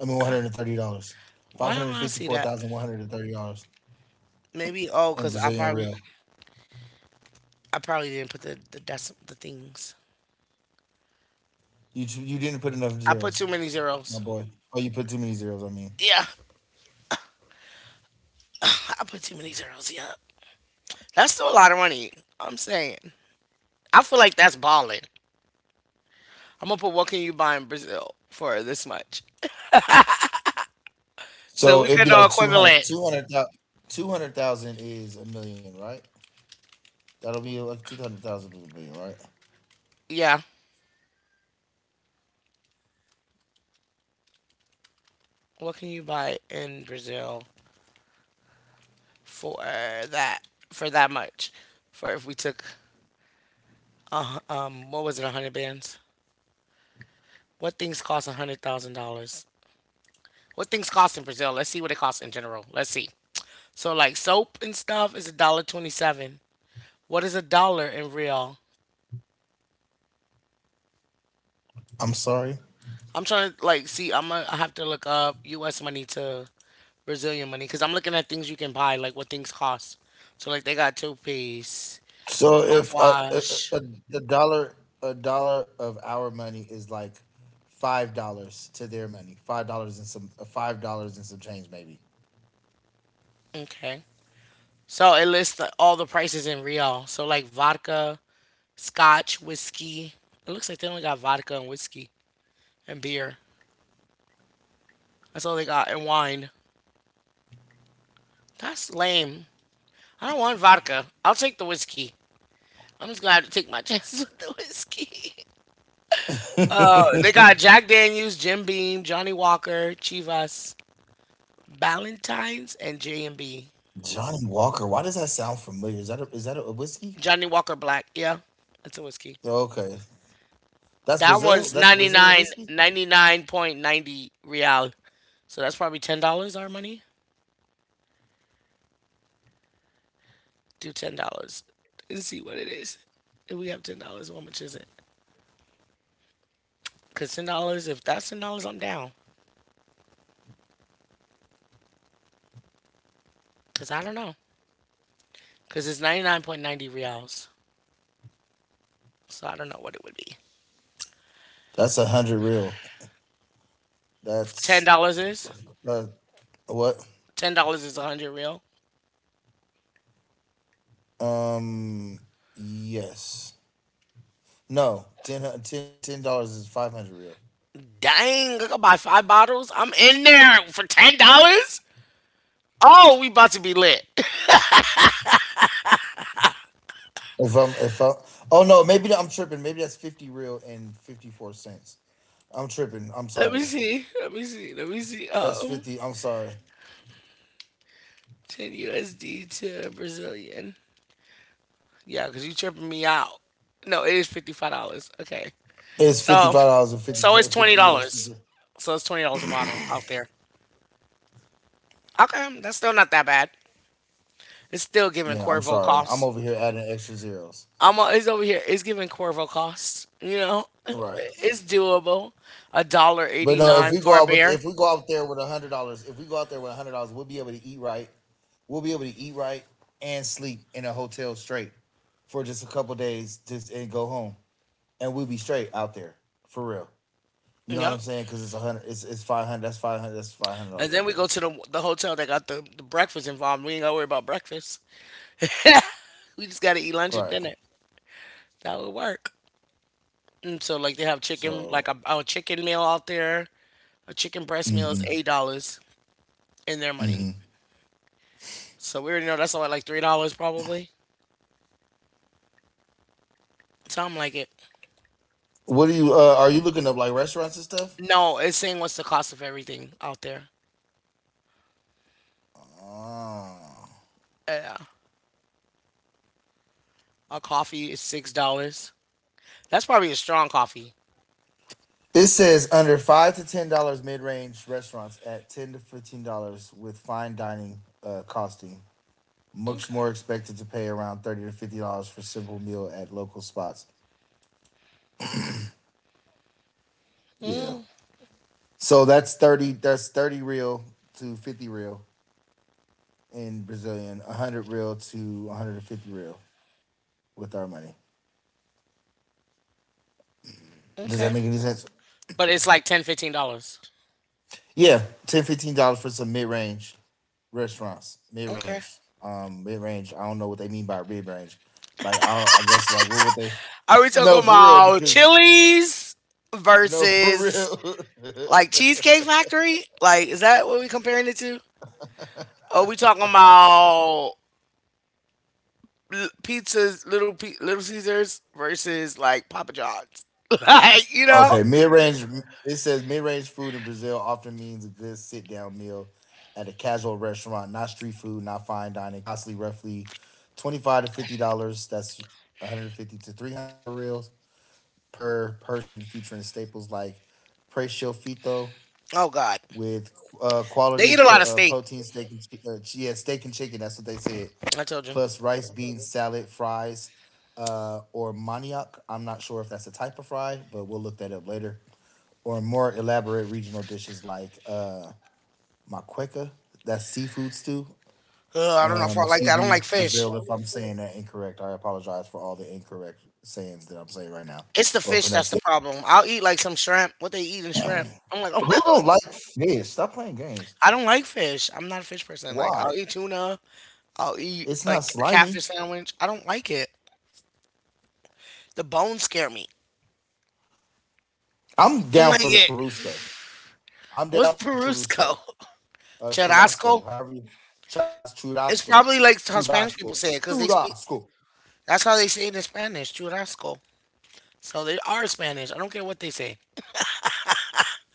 Speaker 2: I mean $130. Five
Speaker 1: why
Speaker 2: hundred
Speaker 1: don't
Speaker 2: and
Speaker 1: I
Speaker 2: fifty
Speaker 1: see
Speaker 2: four
Speaker 1: that?
Speaker 2: thousand one hundred and thirty dollars
Speaker 1: Maybe oh,
Speaker 2: in
Speaker 1: cause
Speaker 2: Brazilian real.
Speaker 1: I probably didn't put the the things.
Speaker 2: You didn't put enough
Speaker 1: I put too
Speaker 2: zeros,
Speaker 1: many
Speaker 2: my
Speaker 1: zeros.
Speaker 2: boy. Oh, you put too many zeros. I mean,
Speaker 1: Yeah, I put too many zeros. Yeah. That's still a lot of money. I'm saying. I feel like that's balling. I'm gonna put What can you buy in Brazil for this much? So
Speaker 2: so
Speaker 1: we
Speaker 2: it'd
Speaker 1: can
Speaker 2: be
Speaker 1: know
Speaker 2: like 200,
Speaker 1: equivalent.
Speaker 2: 200,000 is a million, right? That'll be like 200,000 is a million, right?
Speaker 1: Yeah. What can you buy in Brazil for that for that much? For if we took what was it, a hundred bands? What things cost $100,000? What things cost in Brazil? Let's see what it costs in general. Let's see. So like soap and stuff is a dollar 27. What is a dollar in real?
Speaker 2: I'm sorry.
Speaker 1: I'm trying to like see. I'm gonna I have to look up U.S. money to Brazilian money because I'm looking at things you can buy, like what things cost. So like they got toothpaste,
Speaker 2: So if a,
Speaker 1: mouthwash.
Speaker 2: a, a dollar a dollar of our money is like $5 to their money, $5 and some, $5 and some change maybe.
Speaker 1: Okay. So it lists the, all the prices in real. So like vodka, scotch, whiskey. It looks like they only got vodka and whiskey and beer. That's all they got and wine. That's lame. I don't want vodka. I'll take the whiskey. I'm just gonna have to take my chances with the whiskey. They got Jack Daniels, Jim Beam, Johnny Walker, Chivas, Ballantines, and J and B.
Speaker 2: Johnny Walker, why does that sound familiar? Is that a whiskey?
Speaker 1: Johnny Walker Black. Yeah, that's a whiskey.
Speaker 2: Oh, okay, that's
Speaker 1: That one's
Speaker 2: Brazil. That's
Speaker 1: ninety
Speaker 2: Brazilian
Speaker 1: nine,
Speaker 2: whiskey.
Speaker 1: 90 9.90, 99.90 real. So that's probably $10 our money. Do $10 and see what it is. If we have $10, how much is it? Because $10, if that's $10, I'm down. Because I don't know. Because it's 99.90 reals. So I don't know what it would be.
Speaker 2: That's a hundred real. That's
Speaker 1: $10 is?
Speaker 2: uh, what?
Speaker 1: $10 is 100 real.
Speaker 2: Um, yes. No, $10 is 500 real.
Speaker 1: Dang, I could buy five bottles. I'm in there for $10? Oh, we about to be lit.
Speaker 2: If I'm, if I, Oh no, maybe I'm tripping. Maybe that's 50 real and 54 cents. I'm tripping. I'm
Speaker 1: Let me
Speaker 2: sorry.
Speaker 1: see. Let me see. Let me see.
Speaker 2: That's 50. I'm sorry.
Speaker 1: 10 USD to Brazilian. Yeah, because you tripping me out. No, it is $55. Okay.
Speaker 2: It's fifty
Speaker 1: So,
Speaker 2: five dollars and fifty
Speaker 1: so it's
Speaker 2: four. 50. Yeah, it's
Speaker 1: $20.
Speaker 2: 50.
Speaker 1: So it's $20 a bottle out there. Okay. That's still not that bad. It's still giving
Speaker 2: Yeah, I'm
Speaker 1: Cuervo
Speaker 2: sorry. I'm
Speaker 1: costs.
Speaker 2: over here adding extra zeros.
Speaker 1: It's over here. It's giving Cuervo costs.
Speaker 2: Right.
Speaker 1: It's doable. A dollar
Speaker 2: But
Speaker 1: eighty
Speaker 2: no, if
Speaker 1: nine
Speaker 2: we
Speaker 1: for
Speaker 2: go
Speaker 1: a
Speaker 2: out with,
Speaker 1: beer.
Speaker 2: if we go out there with $100, if we go out there with $100, we'll be able to eat right. We'll be able to eat right and sleep in a hotel straight for just a couple days, just and go home, and we'll be straight out there for real. You know what I'm
Speaker 1: Yep.
Speaker 2: saying? Because it's a hundred. It's 500. That's 500. That's five hundred
Speaker 1: And
Speaker 2: dollars
Speaker 1: then
Speaker 2: right
Speaker 1: we
Speaker 2: there.
Speaker 1: go to the hotel that got the breakfast involved. We ain't gotta worry about breakfast. We just gotta eat lunch
Speaker 2: Right.
Speaker 1: and dinner. That would work. And so like they have chicken,
Speaker 2: So.
Speaker 1: like a chicken meal out there. A chicken breast meal
Speaker 2: Mm-hmm.
Speaker 1: is $8 in their money.
Speaker 2: Mm-hmm.
Speaker 1: So we already know that's only like $3 probably. Something like it.
Speaker 2: What do you? Are you looking up like restaurants and stuff?
Speaker 1: No, it's saying what's the cost of everything out there.
Speaker 2: Oh.
Speaker 1: Yeah, a coffee is $6. That's probably a strong coffee.
Speaker 2: It says under $5 to $10 mid-range restaurants at $10 to $15 with fine dining costing much more
Speaker 1: Okay.
Speaker 2: expected to pay around $30 to $50 for simple meal at local spots. Yeah.
Speaker 1: Mm,
Speaker 2: So that's 30. That's 30 real to 50 real in Brazilian, 100 real to 150 real with our money. Does that
Speaker 1: okay.
Speaker 2: make any sense?
Speaker 1: But it's like ten, $15.
Speaker 2: Yeah, $10, $15 for some mid range restaurants. Mid
Speaker 1: Okay.
Speaker 2: range. Mid range. I don't know what they mean by mid range. Like, I guess, like, what would they?
Speaker 1: Are we talking
Speaker 2: No, for real,
Speaker 1: about
Speaker 2: because,
Speaker 1: Chili's
Speaker 2: no, for
Speaker 1: versus
Speaker 2: real.
Speaker 1: like Cheesecake Factory? Like, is that what we comparing it to? Or we talking about pizzas, Little Caesars versus like Papa John's? like, you know?
Speaker 2: Okay, mid range. It says mid range food in Brazil often means a good sit down meal at a casual restaurant, not street food, not fine dining. Costly, roughly $25 to $50. That's $150 to $300 reels per person, featuring staples like precio fito
Speaker 1: Oh God,
Speaker 2: with
Speaker 1: they
Speaker 2: quality
Speaker 1: eat a
Speaker 2: pro,
Speaker 1: lot of steak.
Speaker 2: protein steak and yeah steak and chicken. That's what they said.
Speaker 1: I told you.
Speaker 2: Plus rice, beans, salad, fries, or manioc. I'm not sure if that's a type of fry, but we'll look that up later or more elaborate regional dishes like maqueca, that's seafood stew.
Speaker 1: Ugh, I don't know if
Speaker 2: Um,
Speaker 1: I like
Speaker 2: excuse
Speaker 1: that. I don't like
Speaker 2: me,
Speaker 1: fish.
Speaker 2: Brazil, if I'm saying that incorrect. I apologize for all the incorrect sayings that I'm saying right now
Speaker 1: It's the
Speaker 2: or
Speaker 1: fish that's the
Speaker 2: pronunciation.
Speaker 1: problem. I'll eat like some shrimp. What they eat in shrimp? I'm like,
Speaker 2: Who don't like fish? Stop playing games.
Speaker 1: I don't like fish. I'm not a fish person. Like, I'll
Speaker 2: Why?
Speaker 1: eat tuna. I'll eat
Speaker 2: It's not
Speaker 1: like
Speaker 2: slimy.
Speaker 1: catfish sandwich. I don't like it. The bones scare me.
Speaker 2: I'm
Speaker 1: I don't
Speaker 2: down
Speaker 1: like
Speaker 2: for the
Speaker 1: it.
Speaker 2: Carusco. I'm down
Speaker 1: What's
Speaker 2: for the Churrusco.
Speaker 1: Perusco? Churrasco.
Speaker 2: Churrasco, however you, charas,
Speaker 1: It's
Speaker 2: churrasco,
Speaker 1: probably like how Spanish people
Speaker 2: churrasco,
Speaker 1: say it because they speak.
Speaker 2: churrasco.
Speaker 1: That's how they say it in Spanish. Churrasco. So they are Spanish. I don't care what they say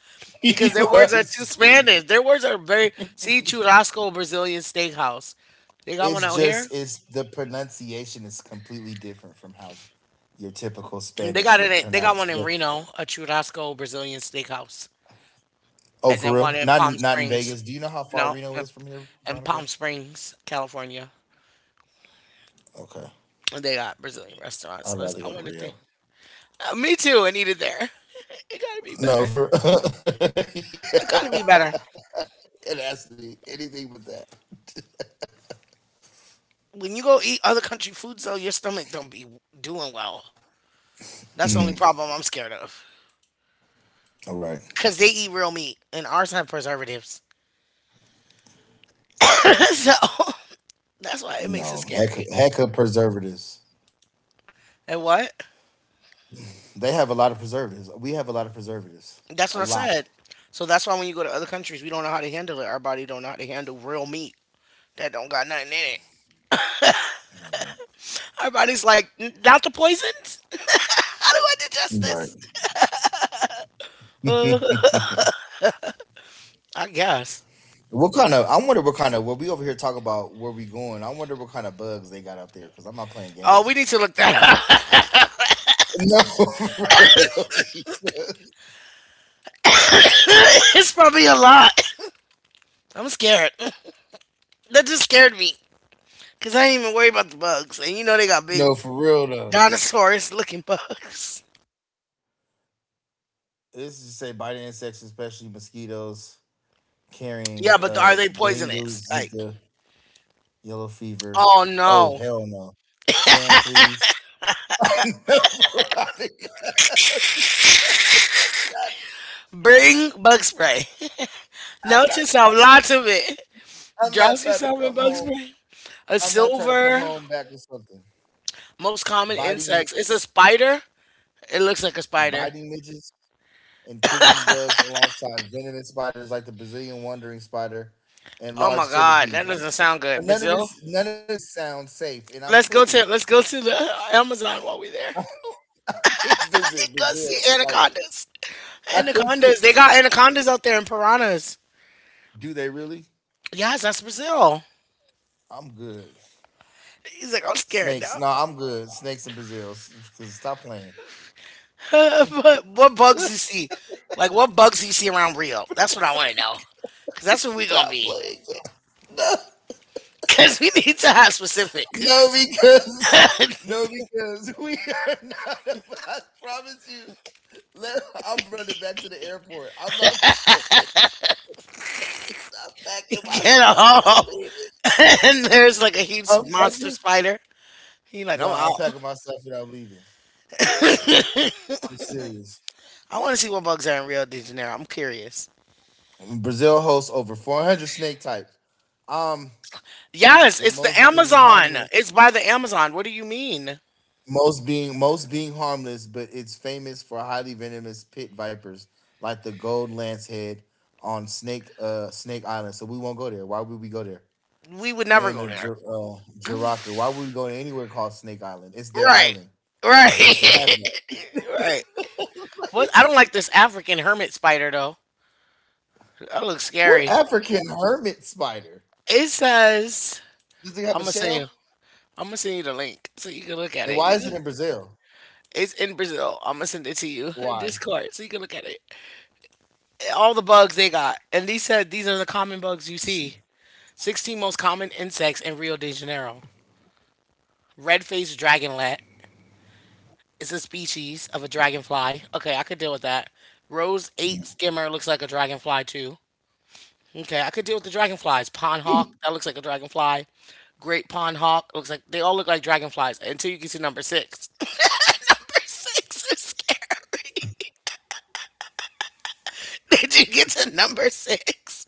Speaker 1: because
Speaker 2: You
Speaker 1: their
Speaker 2: are
Speaker 1: words are too
Speaker 2: silly.
Speaker 1: Spanish. Their words are very. See Churrasco Brazilian Steakhouse. They got one
Speaker 2: It's
Speaker 1: out here.
Speaker 2: just it's the pronunciation is completely different from how your typical
Speaker 1: And they got
Speaker 2: Spanish
Speaker 1: it.
Speaker 2: would
Speaker 1: They got one
Speaker 2: pronounce.
Speaker 1: in
Speaker 2: But
Speaker 1: Reno, a Churrasco Brazilian Steakhouse,
Speaker 2: oh,
Speaker 1: and
Speaker 2: for
Speaker 1: then one
Speaker 2: real?
Speaker 1: in
Speaker 2: Not
Speaker 1: Palm
Speaker 2: in- not in
Speaker 1: Springs.
Speaker 2: Vegas. Do you know how far
Speaker 1: No,
Speaker 2: Reno
Speaker 1: in,
Speaker 2: is from here,
Speaker 1: in
Speaker 2: Veronica?
Speaker 1: Palm Springs, California.
Speaker 2: Okay,
Speaker 1: And they got Brazilian restaurants.
Speaker 2: I'd rather
Speaker 1: I
Speaker 2: go to
Speaker 1: wonder if they.
Speaker 2: Rio.
Speaker 1: Me too. I need it there. It gotta be
Speaker 2: No,
Speaker 1: better.
Speaker 2: for
Speaker 1: It
Speaker 2: Yeah,
Speaker 1: gotta be better.
Speaker 2: it has to be anything but that.
Speaker 1: When you go eat other country foods, though, your stomach don't be doing well. That's the only
Speaker 2: Mm,
Speaker 1: problem I'm scared of.
Speaker 2: all right.
Speaker 1: Cause they eat real meat, and ours have preservatives. So that's why it makes it
Speaker 2: No, heck,
Speaker 1: scary.
Speaker 2: heck of preservatives.
Speaker 1: And what?
Speaker 2: They have a lot of preservatives. We have a lot of preservatives.
Speaker 1: That's what
Speaker 2: A
Speaker 1: I
Speaker 2: lot.
Speaker 1: said. So that's why when you go to other countries, we don't know how to handle it. Our body don't know how to handle real meat that don't got nothing in it. Our body's like, Not the poisons. How do I digest
Speaker 2: Right.
Speaker 1: this?" I guess.
Speaker 2: What kind of? I wonder what kind of. What we over here talking about? Where we going? I wonder what kind of bugs they got out there. Cause I'm not playing
Speaker 1: Oh, we
Speaker 2: games.
Speaker 1: need to look that up.
Speaker 2: No, for real.
Speaker 1: It's probably a lot. I'm scared. That just scared me. Cause I ain't even worry about the bugs, and you know they got big
Speaker 2: No, for real though.
Speaker 1: dinosaurs-looking bugs.
Speaker 2: This is say by the insects, especially mosquitoes
Speaker 1: Yeah,
Speaker 2: carrying
Speaker 1: but are they
Speaker 2: dengue,
Speaker 1: poisonous? Like,
Speaker 2: Zika, yellow fever.
Speaker 1: oh
Speaker 2: Oh
Speaker 1: no!
Speaker 2: hell no, sand fleas. No, for real. I'm not.
Speaker 1: Bring bug spray.
Speaker 2: I'm
Speaker 1: Note to
Speaker 2: not
Speaker 1: self,
Speaker 2: trying to.
Speaker 1: lots of it.
Speaker 2: I'm not
Speaker 1: Drowse
Speaker 2: trying to
Speaker 1: yourself in
Speaker 2: come
Speaker 1: bug
Speaker 2: home.
Speaker 1: spray. A
Speaker 2: I'm not trying to come
Speaker 1: silver,
Speaker 2: home back with something
Speaker 1: most common
Speaker 2: biting,
Speaker 1: insects. It's a spider. It looks like a spider.
Speaker 2: biting midges and kissing bugs alongside venomous spiders like the Brazilian wandering spider and
Speaker 1: Oh my
Speaker 2: large
Speaker 1: god, that
Speaker 2: centipedes.
Speaker 1: doesn't sound good.
Speaker 2: None of
Speaker 1: Brazil.
Speaker 2: this none of this sounds safe and I'm
Speaker 1: Let's go to
Speaker 2: cool.
Speaker 1: let's go to the Amazon while we're there.
Speaker 2: I could visit
Speaker 1: Go see
Speaker 2: Brazil. Like
Speaker 1: anacondas.
Speaker 2: I could
Speaker 1: Anacondas.
Speaker 2: visit.
Speaker 1: They got anacondas out there and piranhas.
Speaker 2: Do they really?
Speaker 1: Yes, that's Brazil.
Speaker 2: I'm good.
Speaker 1: He's like, I'm scared
Speaker 2: Snakes.
Speaker 1: now.
Speaker 2: No, I'm good. Snakes in Brazil. Because stop playing.
Speaker 1: But what bugs you see? Like, what bugs you see around Rio? That's what I want to know. Because that's what we're going to
Speaker 2: Stop
Speaker 1: be.
Speaker 2: playing.
Speaker 1: Because we need to have
Speaker 2: No,
Speaker 1: specifics.
Speaker 2: because no, because we are not. I promise you. Let, I'm running back to the airport. I'm not playing. I'm packing my
Speaker 1: Get a
Speaker 2: stuff and I'm
Speaker 1: haul.
Speaker 2: leaving.
Speaker 1: And there's like a huge
Speaker 2: I'm
Speaker 1: monster
Speaker 2: packing.
Speaker 1: spider. He like,
Speaker 2: No,
Speaker 1: I'm
Speaker 2: I'm
Speaker 1: out.
Speaker 2: packing my stuff and I'm leaving. I'm serious.
Speaker 1: I want to see what bugs are in Rio de Janeiro. I'm curious.
Speaker 2: Brazil hosts over 400 snake types. Um,
Speaker 1: Yes,
Speaker 2: with
Speaker 1: it's the
Speaker 2: most being
Speaker 1: Amazon.
Speaker 2: harmless,
Speaker 1: It's by the Amazon. What do you mean?
Speaker 2: most being harmless, but it's famous for highly venomous pit vipers like the gold lancehead on Snake Island. So we won't go there. Why would we go there?
Speaker 1: We would never
Speaker 2: And
Speaker 1: go
Speaker 2: the
Speaker 1: there.
Speaker 2: Jiraka. Why would we go anywhere called Snake Island? It's their
Speaker 1: Right.
Speaker 2: island. They can have
Speaker 1: Right. Right. What? I
Speaker 2: that.
Speaker 1: don't like this African hermit spider though. That looks
Speaker 2: What
Speaker 1: scary.
Speaker 2: African hermit spider?
Speaker 1: It says
Speaker 2: Does it have
Speaker 1: I'm
Speaker 2: a
Speaker 1: gonna send you.
Speaker 2: shell?
Speaker 1: I'm gonna send you the link so you can look at
Speaker 2: And
Speaker 1: it.
Speaker 2: why is it in Brazil?
Speaker 1: It's in Brazil. I'm gonna send it to you in
Speaker 2: Why?
Speaker 1: Discord so you can look at it. All the bugs they got,
Speaker 2: Let
Speaker 1: and
Speaker 2: me
Speaker 1: they
Speaker 2: see.
Speaker 1: said these are the common bugs you see. 16 most common insects in Rio de Janeiro. Red-faced dragonlet is a species of a dragonfly. Okay, I could deal with that. Rose eight skimmer looks like a dragonfly too. Okay, I could deal with the dragonflies.
Speaker 2: Yeah.
Speaker 1: Pondhawk, that looks like a dragonfly. Great pondhawk looks like they all look like dragonflies until you get to number six. Number six is scary. Did you get to number six?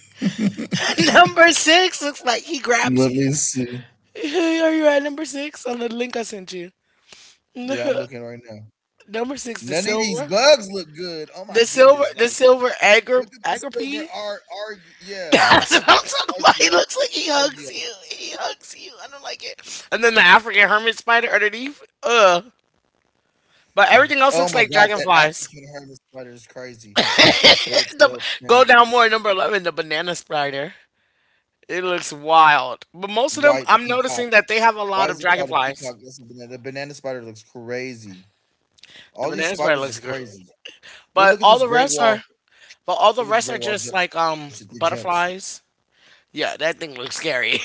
Speaker 2: Let
Speaker 1: Number six looks like he grabs you.
Speaker 2: me see.
Speaker 1: Are you at number six on the link I sent you?
Speaker 2: Yeah, I'm looking right now.
Speaker 1: Number six,
Speaker 2: None of these bugs look good. Oh my goodness!
Speaker 1: the
Speaker 2: Like,
Speaker 1: silver
Speaker 2: look at the silver
Speaker 1: agripy.
Speaker 2: R R. Yeah,
Speaker 1: That's what I'm talking about. He
Speaker 2: Argio,
Speaker 1: looks like he hugs
Speaker 2: Argio.
Speaker 1: you. He hugs you. I don't like it. And then the African hermit spider underneath. Ugh. But everything else
Speaker 2: Oh
Speaker 1: looks
Speaker 2: my
Speaker 1: like
Speaker 2: god, that
Speaker 1: dragonflies.
Speaker 2: African hermit spider is crazy. Red
Speaker 1: The,
Speaker 2: tail
Speaker 1: Go
Speaker 2: pennant,
Speaker 1: down more. Number 11, the banana spider. It looks wild. But most of them,
Speaker 2: white
Speaker 1: I'm
Speaker 2: peacock.
Speaker 1: noticing that they have a
Speaker 2: Why
Speaker 1: lot of
Speaker 2: is it called a
Speaker 1: dragonflies.
Speaker 2: peacock? That's a banana. The banana spider looks crazy.
Speaker 1: The
Speaker 2: All these
Speaker 1: banana spider
Speaker 2: spiders
Speaker 1: looks
Speaker 2: is
Speaker 1: good.
Speaker 2: crazy. Well,
Speaker 1: But
Speaker 2: look at
Speaker 1: all
Speaker 2: this
Speaker 1: the
Speaker 2: great
Speaker 1: rest
Speaker 2: wall.
Speaker 1: are. But all the
Speaker 2: Look at this
Speaker 1: rest are
Speaker 2: great wall
Speaker 1: just
Speaker 2: jump.
Speaker 1: like
Speaker 2: It jumps.
Speaker 1: butterflies. Yeah, that thing looks scary.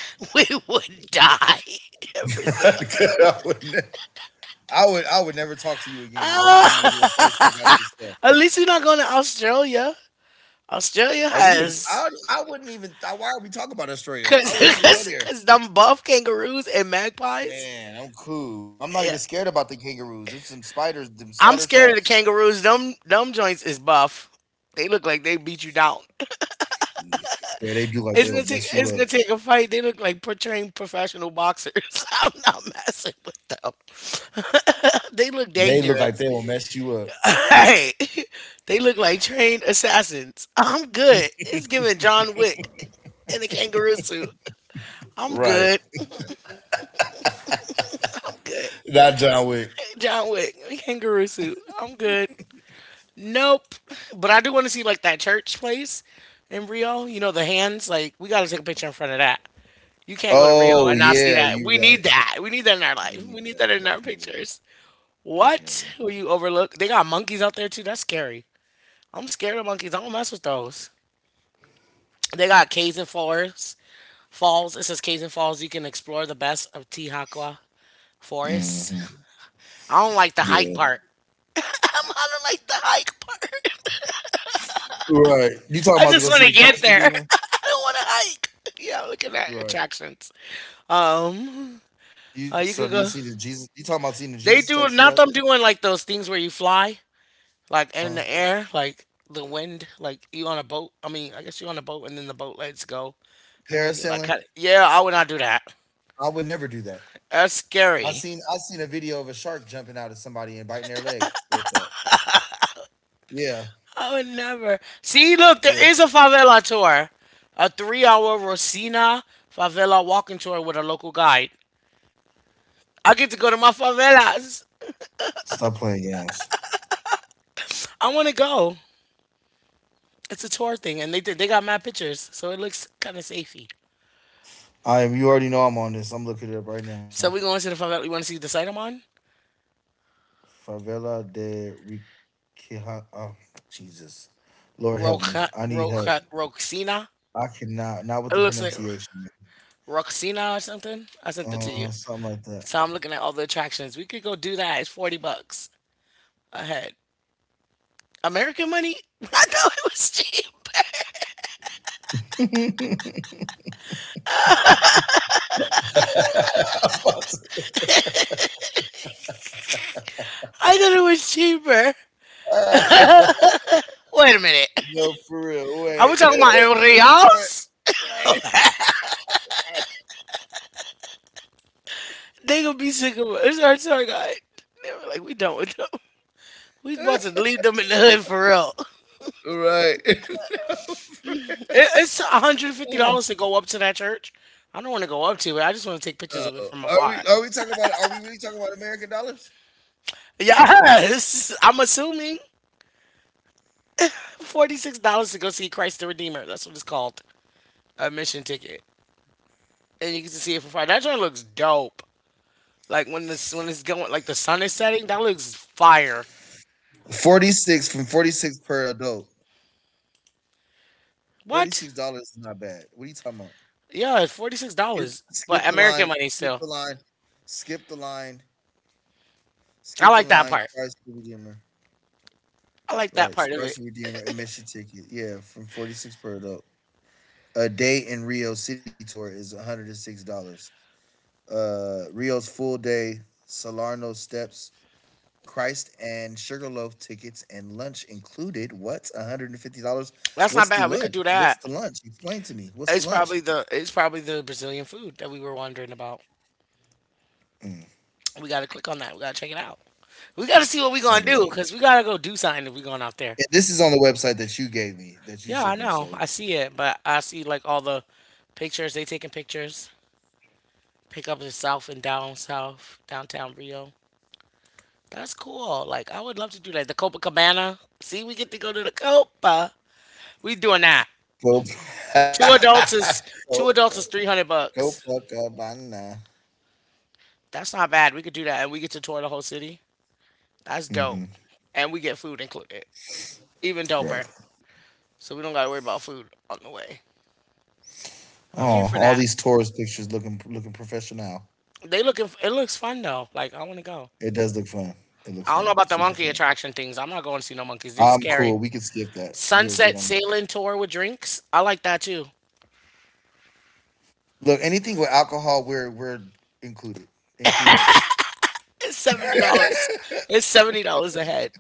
Speaker 1: We would die. Brazil.
Speaker 2: I, would ne- I would never talk to you again. You bring me
Speaker 1: Ah.
Speaker 2: to a place that got this stuff.
Speaker 1: At least you're not going to Australia. Australia
Speaker 2: We would
Speaker 1: has
Speaker 2: I wouldn't even why are we talking about Australia? I
Speaker 1: cause,
Speaker 2: wouldn't even go
Speaker 1: cause,
Speaker 2: there.
Speaker 1: cause them buff kangaroos and magpies.
Speaker 2: Man, I'm cool. I'm not
Speaker 1: Yeah,
Speaker 2: even scared about the kangaroos. There's some spiders, them
Speaker 1: I'm
Speaker 2: spider
Speaker 1: scared of the
Speaker 2: traps.
Speaker 1: kangaroos. Them joints is buff. They look like they beat you down.
Speaker 2: Yeah, they do like
Speaker 1: It's gonna
Speaker 2: they'll
Speaker 1: take
Speaker 2: mess you
Speaker 1: it's gonna
Speaker 2: up.
Speaker 1: take a fight. They look like trained professional boxers. I'm not messing with them. They look
Speaker 2: They look like they
Speaker 1: dangerous.
Speaker 2: will mess you up.
Speaker 1: Hey, they look like trained assassins. I'm good. It's giving John Wick in a kangaroo suit. I'm
Speaker 2: Right.
Speaker 1: good. I'm good.
Speaker 2: Not John Wick.
Speaker 1: John Wick, kangaroo suit. I'm good. Nope. But I do want to see like that church place in Rio. You know the hands. Like we got to take a picture in front of that. You can't go to Rio
Speaker 2: Oh
Speaker 1: and not see
Speaker 2: yeah,
Speaker 1: that.
Speaker 2: you
Speaker 1: We
Speaker 2: right.
Speaker 1: need that. We need that in our
Speaker 2: We
Speaker 1: life.
Speaker 2: need
Speaker 1: We need
Speaker 2: that.
Speaker 1: that in our
Speaker 2: Definitely.
Speaker 1: pictures. What
Speaker 2: Definitely.
Speaker 1: will you overlook? They got monkeys out there too. That's scary. I'm scared of monkeys. I don't mess with those. They got caves and forests. Falls. It says caves and falls. You can explore the best of Tihakwa Forest.
Speaker 2: Hmm.
Speaker 1: I don't like the hike
Speaker 2: Yeah.
Speaker 1: part. I don't like the hike part.
Speaker 2: Right. You talking
Speaker 1: I
Speaker 2: about to go
Speaker 1: just
Speaker 2: see
Speaker 1: want to
Speaker 2: the
Speaker 1: get
Speaker 2: Christ
Speaker 1: there.
Speaker 2: Redeemer?
Speaker 1: I don't want to hike. Yeah, I'm looking at
Speaker 2: Right.
Speaker 1: attractions. Um,
Speaker 2: You
Speaker 1: you
Speaker 2: so
Speaker 1: could
Speaker 2: Do you
Speaker 1: go.
Speaker 2: see the Jesus, you talking about seeing the
Speaker 1: They
Speaker 2: Jesus
Speaker 1: do
Speaker 2: statue,
Speaker 1: not
Speaker 2: right?
Speaker 1: them doing like those things where you fly, like in
Speaker 2: Huh?
Speaker 1: the air, like the wind, like you on a boat. I mean, I guess you on a boat and then the boat lets go, and then you like,
Speaker 2: Parasailing?
Speaker 1: cut. Yeah, I would not do that.
Speaker 2: I would never do that.
Speaker 1: That's
Speaker 2: I
Speaker 1: scary.
Speaker 2: seen I seen a video of a shark jumping out at somebody and biting their leg with that. Yeah.
Speaker 1: I would never. See, look, there
Speaker 2: Yeah.
Speaker 1: is a favela tour, a 3-hour Rosina favela walking tour with a local guide. I get to go to my favelas.
Speaker 2: Stop playing games.
Speaker 1: I want to go. It's a tour thing, and they got mad pictures, so it looks kind of safety.
Speaker 2: I am You already know I'm on this. I'm looking it up right now.
Speaker 1: So we going to the farm we want to see the site I'm on.
Speaker 2: Favela de Riquija, oh Jesus. Lord help me. I need help.
Speaker 1: Roxina.
Speaker 2: I cannot not with
Speaker 1: It
Speaker 2: the
Speaker 1: looks like
Speaker 2: pronunciation. Man.
Speaker 1: Roxina or something. I sent it to you.
Speaker 2: Something like
Speaker 1: So I'm looking at all the attractions. We could go do that. It's 40 bucks a head. American money? I thought it was cheap.
Speaker 2: that. I'm about to—
Speaker 1: I thought it was cheaper. Wait a minute.
Speaker 2: No, for real.
Speaker 1: Are we
Speaker 2: Wait. Are
Speaker 1: talking about in
Speaker 2: you
Speaker 1: reals?
Speaker 2: right?
Speaker 1: They gonna be sick of us. It's our tour guide. They were like, we done with them. We about to leave them in the hood for real.
Speaker 2: Right. No, for
Speaker 1: It's one hundred fifty
Speaker 2: real.
Speaker 1: dollars to go up to that church. I don't want to go up to it. I just want to take pictures
Speaker 2: No.
Speaker 1: of it from afar.
Speaker 2: Are we really talking about American dollars?
Speaker 1: Yes, I'm assuming $46 to go see Christ the Redeemer. That's what it's called, a mission ticket, and you get to see it for fire. That joint looks dope. Like when it's going, like the sun is setting, that looks fire.
Speaker 2: 46 from 46 per adult.
Speaker 1: What?
Speaker 2: $46 is not bad. What are you talking about?
Speaker 1: Yeah, it's forty six
Speaker 2: Skip
Speaker 1: dollars, but
Speaker 2: skip the
Speaker 1: American
Speaker 2: line.
Speaker 1: money
Speaker 2: Skip
Speaker 1: still.
Speaker 2: the line. Skip the line.
Speaker 1: I
Speaker 2: Skip the
Speaker 1: like that
Speaker 2: line.
Speaker 1: part.
Speaker 2: Christ the Redeemer.
Speaker 1: I like that
Speaker 2: Right.
Speaker 1: part of it.
Speaker 2: Christ the Redeemer admission ticket. Yeah, from 46 per adult. A day in Rio City Tour is $106. Rio's full day, Salerno Steps, Christ and Sugarloaf tickets and lunch included. What? $150?
Speaker 1: That's
Speaker 2: What's
Speaker 1: not
Speaker 2: the
Speaker 1: bad. We could
Speaker 2: lunch?
Speaker 1: do
Speaker 2: What's
Speaker 1: that.
Speaker 2: the lunch? Explain to me. What's the
Speaker 1: It's
Speaker 2: lunch?
Speaker 1: probably the it's probably the Brazilian food that we were wondering about.
Speaker 2: Mm,
Speaker 1: We got to click on that. We got to check it out. We got to see what we
Speaker 2: some
Speaker 1: going to
Speaker 2: of
Speaker 1: do
Speaker 2: that.
Speaker 1: because we got to go do something if we going out there.
Speaker 2: And this is on the website that you gave me, that you
Speaker 1: Yeah, I
Speaker 2: sent me.
Speaker 1: know.
Speaker 2: So
Speaker 1: I see it, but I see like all the pictures. They taking pictures. Pick up the south and down south, downtown Rio. That's cool. Like I would love to do that. The Copacabana. See, we get to go to the Copa. We doing that.
Speaker 2: go,
Speaker 1: Two adults is
Speaker 2: go,
Speaker 1: two adults is three hundred
Speaker 2: go,
Speaker 1: bucks.
Speaker 2: Buckabana.
Speaker 1: That's not bad. We could do that, and we get to tour the whole city. That's
Speaker 2: Mm-hmm.
Speaker 1: dope, and we get food included. Even doper.
Speaker 2: Right.
Speaker 1: So we don't gotta worry about food on the way. I'm here
Speaker 2: Oh,
Speaker 1: for
Speaker 2: all
Speaker 1: that.
Speaker 2: these tourist pictures looking professional.
Speaker 1: They looking. It looks fun though. Like I want to go.
Speaker 2: It does look fun. It looks
Speaker 1: I don't know
Speaker 2: fun.
Speaker 1: about the
Speaker 2: Super
Speaker 1: monkey
Speaker 2: fun.
Speaker 1: attraction things. I'm not going to see no monkeys. They're
Speaker 2: I'm
Speaker 1: scary.
Speaker 2: cool. We can skip that. We are good
Speaker 1: Sunset
Speaker 2: on that.
Speaker 1: sailing tour with drinks. I like that too.
Speaker 2: Look, anything with alcohol, we're included. Include us.
Speaker 1: It's $70. It's $70 a head.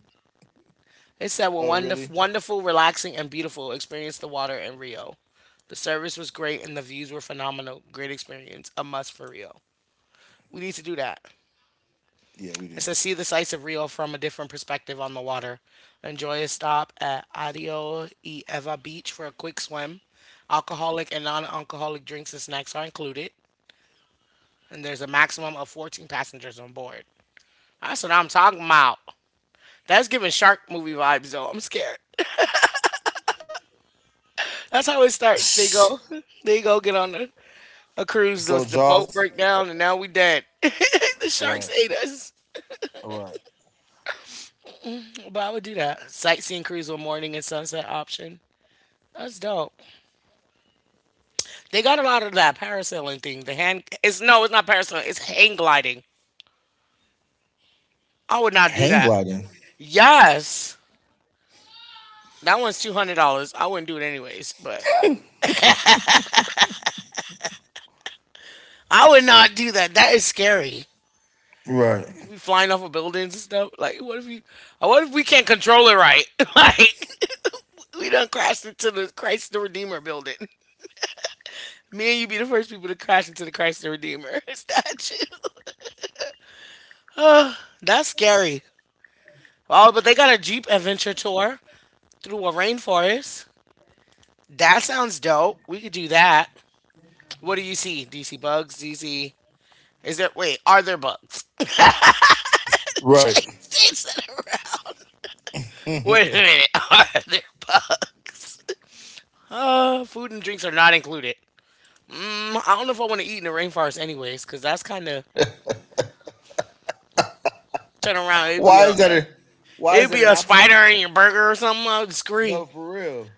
Speaker 1: It said, "Well,
Speaker 2: Oh,
Speaker 1: wonderful,
Speaker 2: really?
Speaker 1: wonderful, relaxing, and beautiful. Experience the water in Rio. The service was great, and the views were phenomenal. Great experience. A must for Rio. We need to do that."
Speaker 2: Yeah, we do.
Speaker 1: It says, see the sights of Rio from a different perspective on the water. Enjoy a stop at Adio y Eva Beach for a quick swim. Alcoholic and non alcoholic drinks and snacks are included. And there's a maximum of 14 passengers on board. That's what I'm talking about. That's giving shark movie vibes, though. I'm scared. That's how it starts. They go, they go get on a cruise. The,
Speaker 2: So
Speaker 1: the boat
Speaker 2: Jaws.
Speaker 1: break down, and now we dead. The sharks
Speaker 2: Right.
Speaker 1: ate us.
Speaker 2: Right.
Speaker 1: But I would do that. Sightseeing cruise with morning and sunset option. That's dope. They got a lot of that parasailing thing. The hand it's no, it's not parasailing. It's hang gliding. I would not do
Speaker 2: Hang
Speaker 1: that.
Speaker 2: gliding.
Speaker 1: Yes, that one's $200. I wouldn't do it anyways, but I would not do that. That is scary.
Speaker 2: Right.
Speaker 1: We flying off of buildings and stuff. Like, what if you? What if we can't control it right? Like, we done crashed into the Christ the Redeemer building. Me and you be the first people to crash into the Christ the Redeemer statue. That's scary. Oh, but they got a Jeep adventure tour through a rainforest. That sounds dope. We could do that. What do you see? Do you see bugs? Do you see? Is there? Wait, are there bugs?
Speaker 2: Right.
Speaker 1: Chase Jason around. Wait a minute. Are there bugs? Food and drinks are not included. I don't know if I want to eat in the rainforest, anyways, because that's kind of turn around. It'd be
Speaker 2: why is that a why is
Speaker 1: it'd
Speaker 2: that
Speaker 1: be
Speaker 2: an
Speaker 1: a
Speaker 2: option?
Speaker 1: spider in your burger or something. I would scream.
Speaker 2: No, for real.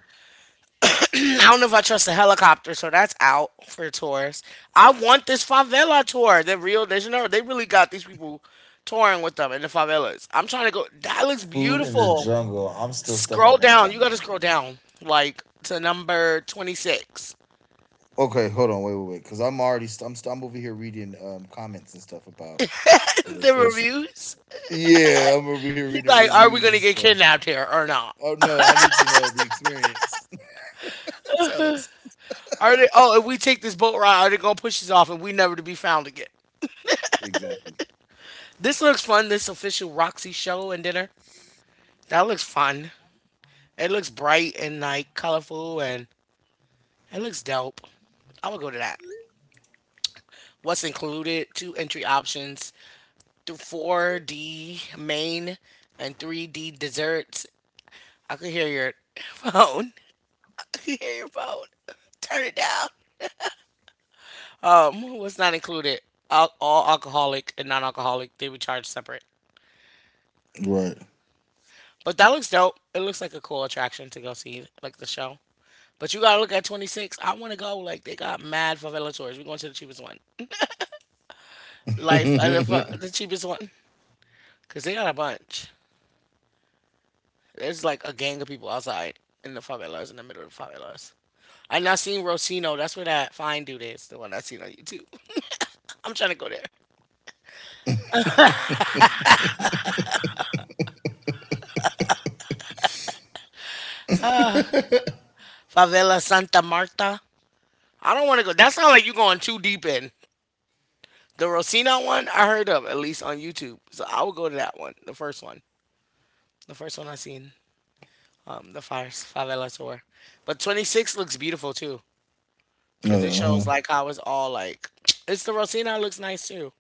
Speaker 1: I don't know if I trust the helicopter, so that's out for tours. I want this favela tour The Rio de Janeiro. They really got these people touring with them in the favelas. I'm trying to go. That looks
Speaker 2: Food in the
Speaker 1: beautiful.
Speaker 2: jungle. I'm still stuck
Speaker 1: Scroll
Speaker 2: on that,
Speaker 1: down. You
Speaker 2: Veronica.
Speaker 1: got to scroll down, like to number 26.
Speaker 2: Okay, hold on, wait, wait, wait, because I'm already st- I'm over here reading comments and stuff about the
Speaker 1: The
Speaker 2: vacation.
Speaker 1: reviews.
Speaker 2: Yeah, I'm over here
Speaker 1: He's
Speaker 2: reading
Speaker 1: like, are we
Speaker 2: reviews and
Speaker 1: gonna get
Speaker 2: stuff.
Speaker 1: kidnapped here or not?
Speaker 2: Oh no, I need to know the experience. Tell us.
Speaker 1: Are they? Oh, if we take this boat ride, are they gonna push us off and we never to be found again?
Speaker 2: Exactly.
Speaker 1: This looks fun. This official Roxy show and dinner. That looks fun. It looks bright and like colorful and it looks dope. I would go to that. What's included? Two entry options, 4D main and 3D desserts. I could hear your phone. I could hear your phone. Turn it down. What's not included? All alcoholic and non-alcoholic. They would charge separate.
Speaker 2: Right.
Speaker 1: But that looks dope. It looks like a cool attraction to go see, like the show. But you gotta look at 26. I want to go. Like they got mad favela tours. We're going to the cheapest one. Life and the cheapest one, cause they got a bunch. There's like a gang of people outside in the favelas, in the middle of the favelas. I not seen Rosino. That's where that fine dude is, the one I seen on YouTube. I'm trying to go there.
Speaker 2: Uh-huh.
Speaker 1: Favela Santa Marta. I don't want to go. That sounds like you're going too deep in. The Rosino one I heard of at least on YouTube, so I would go to that one, the first one, the first one I seen, the Fires Favela tour. But 26 looks beautiful too, cause it shows like how it's all like. It's the Rosino looks nice too.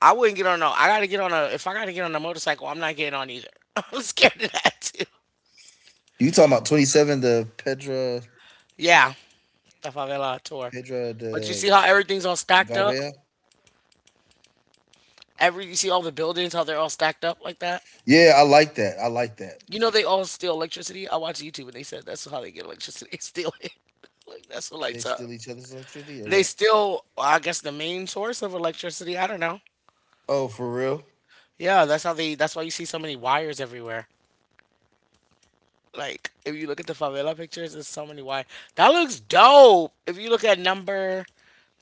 Speaker 1: I wouldn't get on no. I gotta get on a. If I gotta get on a motorcycle, I'm not getting on either. I'm scared of that too.
Speaker 2: You talking about 27 the Pedra
Speaker 1: Yeah, the favela tour.
Speaker 2: Pedra
Speaker 1: But you
Speaker 2: de
Speaker 1: see how everything's all stacked up.
Speaker 2: Gavea?
Speaker 1: Every you see all the buildings, how they're all stacked up like that.
Speaker 2: Yeah, I like that. I like that.
Speaker 1: You know they all steal electricity. I watched YouTube and they said that's how they get electricity. They steal it. Like that's what
Speaker 2: They
Speaker 1: lights up.
Speaker 2: steal each other's electricity or
Speaker 1: They
Speaker 2: what?
Speaker 1: still, I guess, the main source of electricity. I don't know.
Speaker 2: Oh, for real?
Speaker 1: Yeah, that's how they. That's why you see so many wires everywhere. Like if you look at the favela pictures, there's so many wire. That looks dope. If you look at number,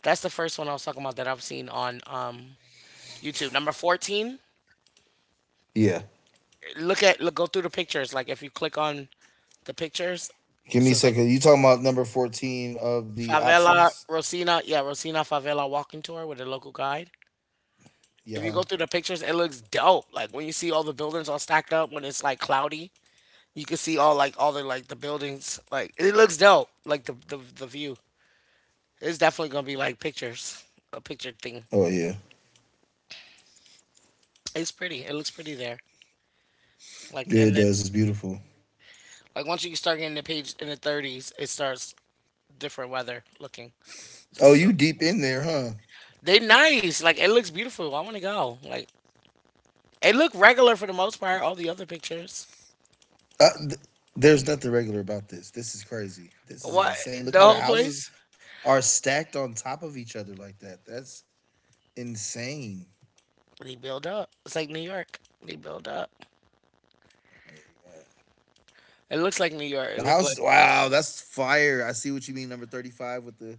Speaker 1: that's the first one I was talking about that I've seen on YouTube. Number 14.
Speaker 2: Yeah.
Speaker 1: Look at look go through the pictures. Like if you click on the pictures,
Speaker 2: Give
Speaker 1: it
Speaker 2: me a
Speaker 1: says like
Speaker 2: second. You talking about number 14 of the
Speaker 1: favela
Speaker 2: options?
Speaker 1: Rosina. Yeah, Rosina favela walking tour with a local guide.
Speaker 2: Yeah.
Speaker 1: If you
Speaker 2: Huh?
Speaker 1: go through the pictures, it looks dope. Like when you see all the buildings all stacked up when it's like cloudy, you can see all like all the like the buildings. Like it looks dope. Like the view. It's definitely gonna be like pictures, a picture thing.
Speaker 2: Oh yeah.
Speaker 1: It's pretty. It looks pretty there. Like
Speaker 2: Yeah,
Speaker 1: and
Speaker 2: it
Speaker 1: then
Speaker 2: does. It's beautiful.
Speaker 1: like once you start getting the page in the 30s, it starts different weather looking.
Speaker 2: Oh,
Speaker 1: So
Speaker 2: you deep in there, huh?
Speaker 1: they nice. Like it looks beautiful. I want to go. Like it looked regular for the most part. All the other pictures.
Speaker 2: Uh, th- there's nothing regular about this. This is crazy. This is
Speaker 1: What
Speaker 2: insane. Look
Speaker 1: the
Speaker 2: how the
Speaker 1: whole
Speaker 2: houses
Speaker 1: place?
Speaker 2: are stacked on top of each other like that. That's insane.
Speaker 1: They build up. It's like New York. They build up.
Speaker 2: Yeah, you're right.
Speaker 1: It looks like New York. It
Speaker 2: The
Speaker 1: looked like
Speaker 2: house, wow, that's fire. I see what you mean. Number 35 with the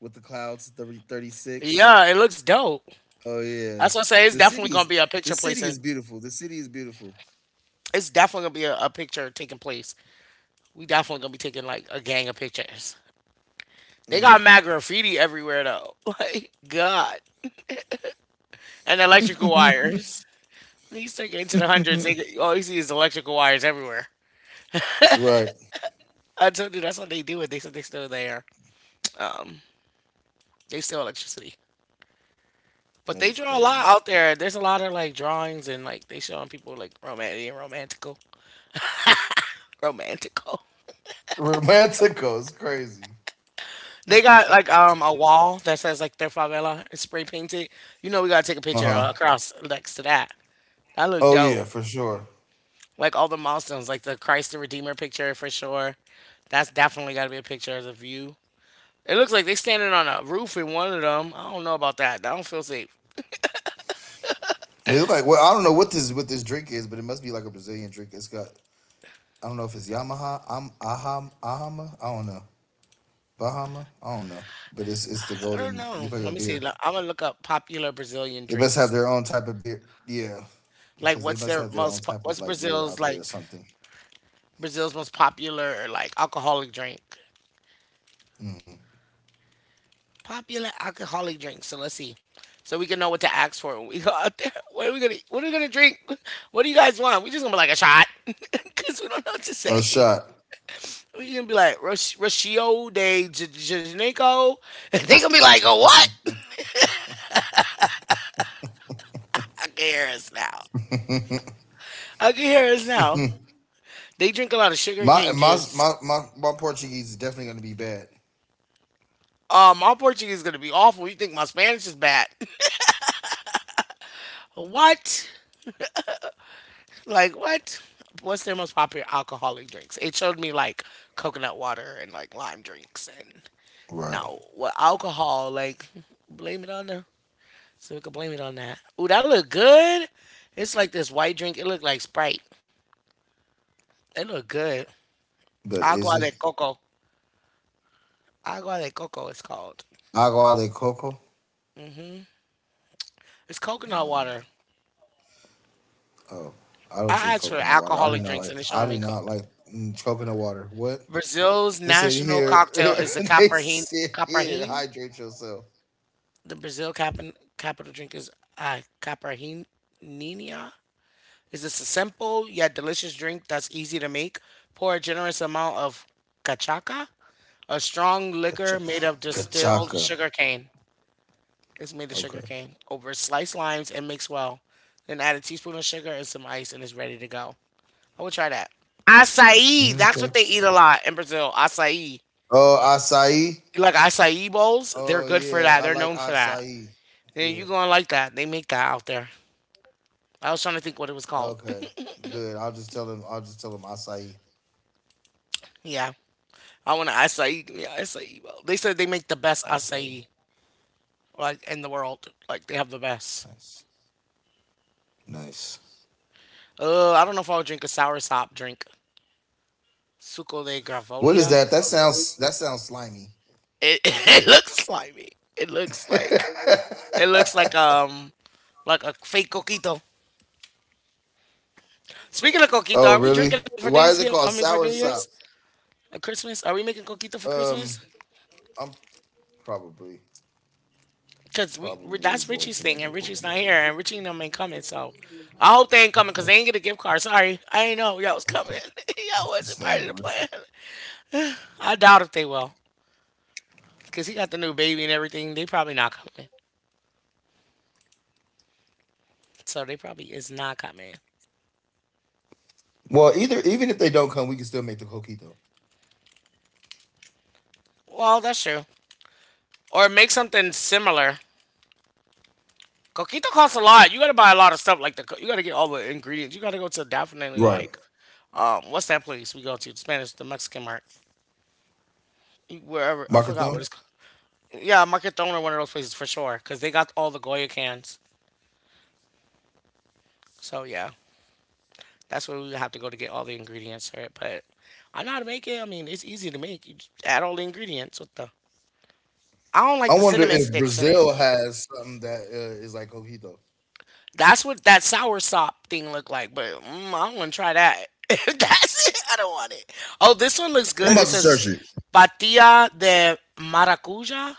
Speaker 2: with the clouds. Thirty-six.
Speaker 1: yeah. It looks dope.
Speaker 2: Oh
Speaker 1: That's
Speaker 2: yeah,
Speaker 1: what I say. It's
Speaker 2: the
Speaker 1: definitely
Speaker 2: city
Speaker 1: gonna
Speaker 2: is
Speaker 1: be a
Speaker 2: the
Speaker 1: picture place,
Speaker 2: city
Speaker 1: and
Speaker 2: is beautiful. The city is beautiful.
Speaker 1: it's definitely gonna be a picture taking place we definitely gonna be taking like a gang of pictures. They
Speaker 2: Mm.
Speaker 1: got mad graffiti everywhere though. Like God, and electrical wires. When you start getting to the hundreds, they get, all you see is electrical wires everywhere.
Speaker 2: Right,
Speaker 1: I told you that's what they do. It. They said they still there. They still electricity. But
Speaker 2: that
Speaker 1: they
Speaker 2: is
Speaker 1: draw a lot
Speaker 2: crazy.
Speaker 1: out there. There's a lot of like drawings and like they showing people like romantic and romantical. Romantical.
Speaker 2: Romantico is crazy.
Speaker 1: They got like a wall that says like their favela. It's spray painted. You know we gotta take a
Speaker 2: Uh
Speaker 1: picture
Speaker 2: huh.
Speaker 1: across next to that. That look
Speaker 2: Oh
Speaker 1: dope.
Speaker 2: yeah, for sure.
Speaker 1: Like all the milestones, like the Christ the Redeemer picture for sure. That's definitely got to be a picture of the view. It looks like they standing on a roof in one of them. I don't know about that. I don't feel safe.
Speaker 2: It look like well, I don't know what this drink is, but it must be like a Brazilian drink. It's got I don't know if it's Yamaha, I Aham, Ahama, I don't know, Bahama, I don't know, but it's the
Speaker 1: I don't
Speaker 2: golden. It
Speaker 1: know.
Speaker 2: look like a
Speaker 1: Let me see.
Speaker 2: beer.
Speaker 1: I'm gonna look up popular Brazilian
Speaker 2: They must have
Speaker 1: drinks.
Speaker 2: their own type of beer, yeah,
Speaker 1: Like,
Speaker 2: because they
Speaker 1: what's
Speaker 2: must
Speaker 1: their
Speaker 2: have their own
Speaker 1: most?
Speaker 2: type of
Speaker 1: What's
Speaker 2: like beer out
Speaker 1: Brazil's
Speaker 2: there or
Speaker 1: like?
Speaker 2: something.
Speaker 1: Brazil's most popular like alcoholic drink.
Speaker 2: Hmm.
Speaker 1: Popular alcoholic drink. So let's see. So we can know what to ask for when we go out there. What are we gonna? What are we gonna drink? What do you guys want? We just gonna be like a shot because we don't know what to
Speaker 2: Or a
Speaker 1: say.
Speaker 2: shot.
Speaker 1: We gonna be like Rashio de Janeko. And they gonna be like, oh, what? I can hear us now. I can hear us now. They drink a lot of sugar
Speaker 2: My
Speaker 1: cane
Speaker 2: my
Speaker 1: juice.
Speaker 2: my my my Portuguese is definitely gonna be bad.
Speaker 1: My Portuguese is gonna be awful. You think my Spanish is bad? What? Like what? What's their most popular alcoholic drinks? It showed me like coconut water and like lime drinks and
Speaker 2: Right,
Speaker 1: no, what alcohol? Like blame it on the so we can blame it on that. Ooh, that look good. It's like this white drink. It looked like Sprite. It looked good.
Speaker 2: but
Speaker 1: Agua
Speaker 2: is
Speaker 1: de
Speaker 2: it
Speaker 1: coco. Agua de coco is called.
Speaker 2: agua de coco?
Speaker 1: It's coconut water.
Speaker 2: Oh, I
Speaker 1: I
Speaker 2: don't
Speaker 1: asked for
Speaker 2: drink coconut water.
Speaker 1: alcoholic drinks and they're showing me.
Speaker 2: I do
Speaker 1: Co-
Speaker 2: not like coconut water. What?
Speaker 1: Brazil's
Speaker 2: They said
Speaker 1: national
Speaker 2: here.
Speaker 1: cocktail is the
Speaker 2: They
Speaker 1: caparrin.
Speaker 2: said here.
Speaker 1: Caparrin?
Speaker 2: Hydrate yourself.
Speaker 1: The Brazil capital drink is caparrinha. Is this a simple yet delicious drink that's easy to make? Pour a generous amount of cachaca, a strong liquor
Speaker 2: Kacha-
Speaker 1: made of distilled
Speaker 2: Kachaka.
Speaker 1: sugar cane. Is made of sugar
Speaker 2: Okay.
Speaker 1: cane over sliced limes and mix well. Then add a teaspoon of sugar and some ice and it's ready to go. I would try that. Acai, that's
Speaker 2: Okay.
Speaker 1: what they eat a lot in Brazil. Acai.
Speaker 2: Oh, acai.
Speaker 1: Like acai bowls, they're
Speaker 2: Oh
Speaker 1: good for
Speaker 2: yeah,
Speaker 1: that.
Speaker 2: I
Speaker 1: They're
Speaker 2: like
Speaker 1: known for that.
Speaker 2: acai.
Speaker 1: And
Speaker 2: Yeah.
Speaker 1: you gonna like that. They make that out there. I was trying to think what it was called.
Speaker 2: Okay. Good. I'll just tell him. I'll just tell him acai.
Speaker 1: Yeah. I want an acai. Give me an acai bowl. They said they make the best
Speaker 2: Acai.
Speaker 1: acai like in the world. Like they have the best.
Speaker 2: Nice. Nice.
Speaker 1: I don't know if I would drink a sour sop drink. Suco de
Speaker 2: What is
Speaker 1: gravolia.
Speaker 2: that? That sounds slimy.
Speaker 1: It, it looks slimy. It looks like it looks like um like a fake coquito.
Speaker 2: Oh
Speaker 1: Speaking
Speaker 2: really?
Speaker 1: of coquito, are
Speaker 2: Why
Speaker 1: we
Speaker 2: is it
Speaker 1: drinking
Speaker 2: called
Speaker 1: it for
Speaker 2: sour
Speaker 1: Thanksgiving? I
Speaker 2: sop?
Speaker 1: mean, for New Year's, or Christmas? Are we making coquito for
Speaker 2: Um,
Speaker 1: Christmas?
Speaker 2: I'm probably
Speaker 1: Cause that's
Speaker 2: probably
Speaker 1: Richie's
Speaker 2: going to
Speaker 1: thing, and
Speaker 2: make a
Speaker 1: Richie's not
Speaker 2: cookie
Speaker 1: here, and
Speaker 2: though.
Speaker 1: Richie and them ain't coming. So I hope they ain't coming, cause they ain't get a gift card. Sorry, I ain't know y'all was coming. Y'all wasn't
Speaker 2: She's
Speaker 1: part of the
Speaker 2: staying, aren't
Speaker 1: plan.
Speaker 2: you?
Speaker 1: I doubt if they will, cause he got the new baby and everything. They probably not coming. So they probably is not coming.
Speaker 2: Well, either even if they don't come, we can still make the coquito.
Speaker 1: Well, that's true. Or make something similar. Coquito costs a lot. You gotta buy a lot of stuff. Like you gotta get all the ingredients. You gotta go to definitely
Speaker 2: Right.
Speaker 1: like what's that place we go to? The Spanish, the Mexican market, wherever. I forgot what
Speaker 2: Makathon?
Speaker 1: it's called. Yeah, Marketón or one of those places for sure, because they got all the Goya cans. So yeah, that's where we have to go to get all the ingredients for it. But I know how to make it. I mean, it's easy to make. You just add all the ingredients with the. I don't
Speaker 2: I
Speaker 1: like the
Speaker 2: wonder
Speaker 1: cinnamon
Speaker 2: if
Speaker 1: sticks in it.
Speaker 2: Brazil has something that is like coquito.
Speaker 1: That's what that sour sop thing looked like, but I don't want to try that. That's it. I don't want it. Oh, this one looks
Speaker 2: I'm
Speaker 1: good.
Speaker 2: about
Speaker 1: It
Speaker 2: to
Speaker 1: says
Speaker 2: search it.
Speaker 1: patilla de maracuja.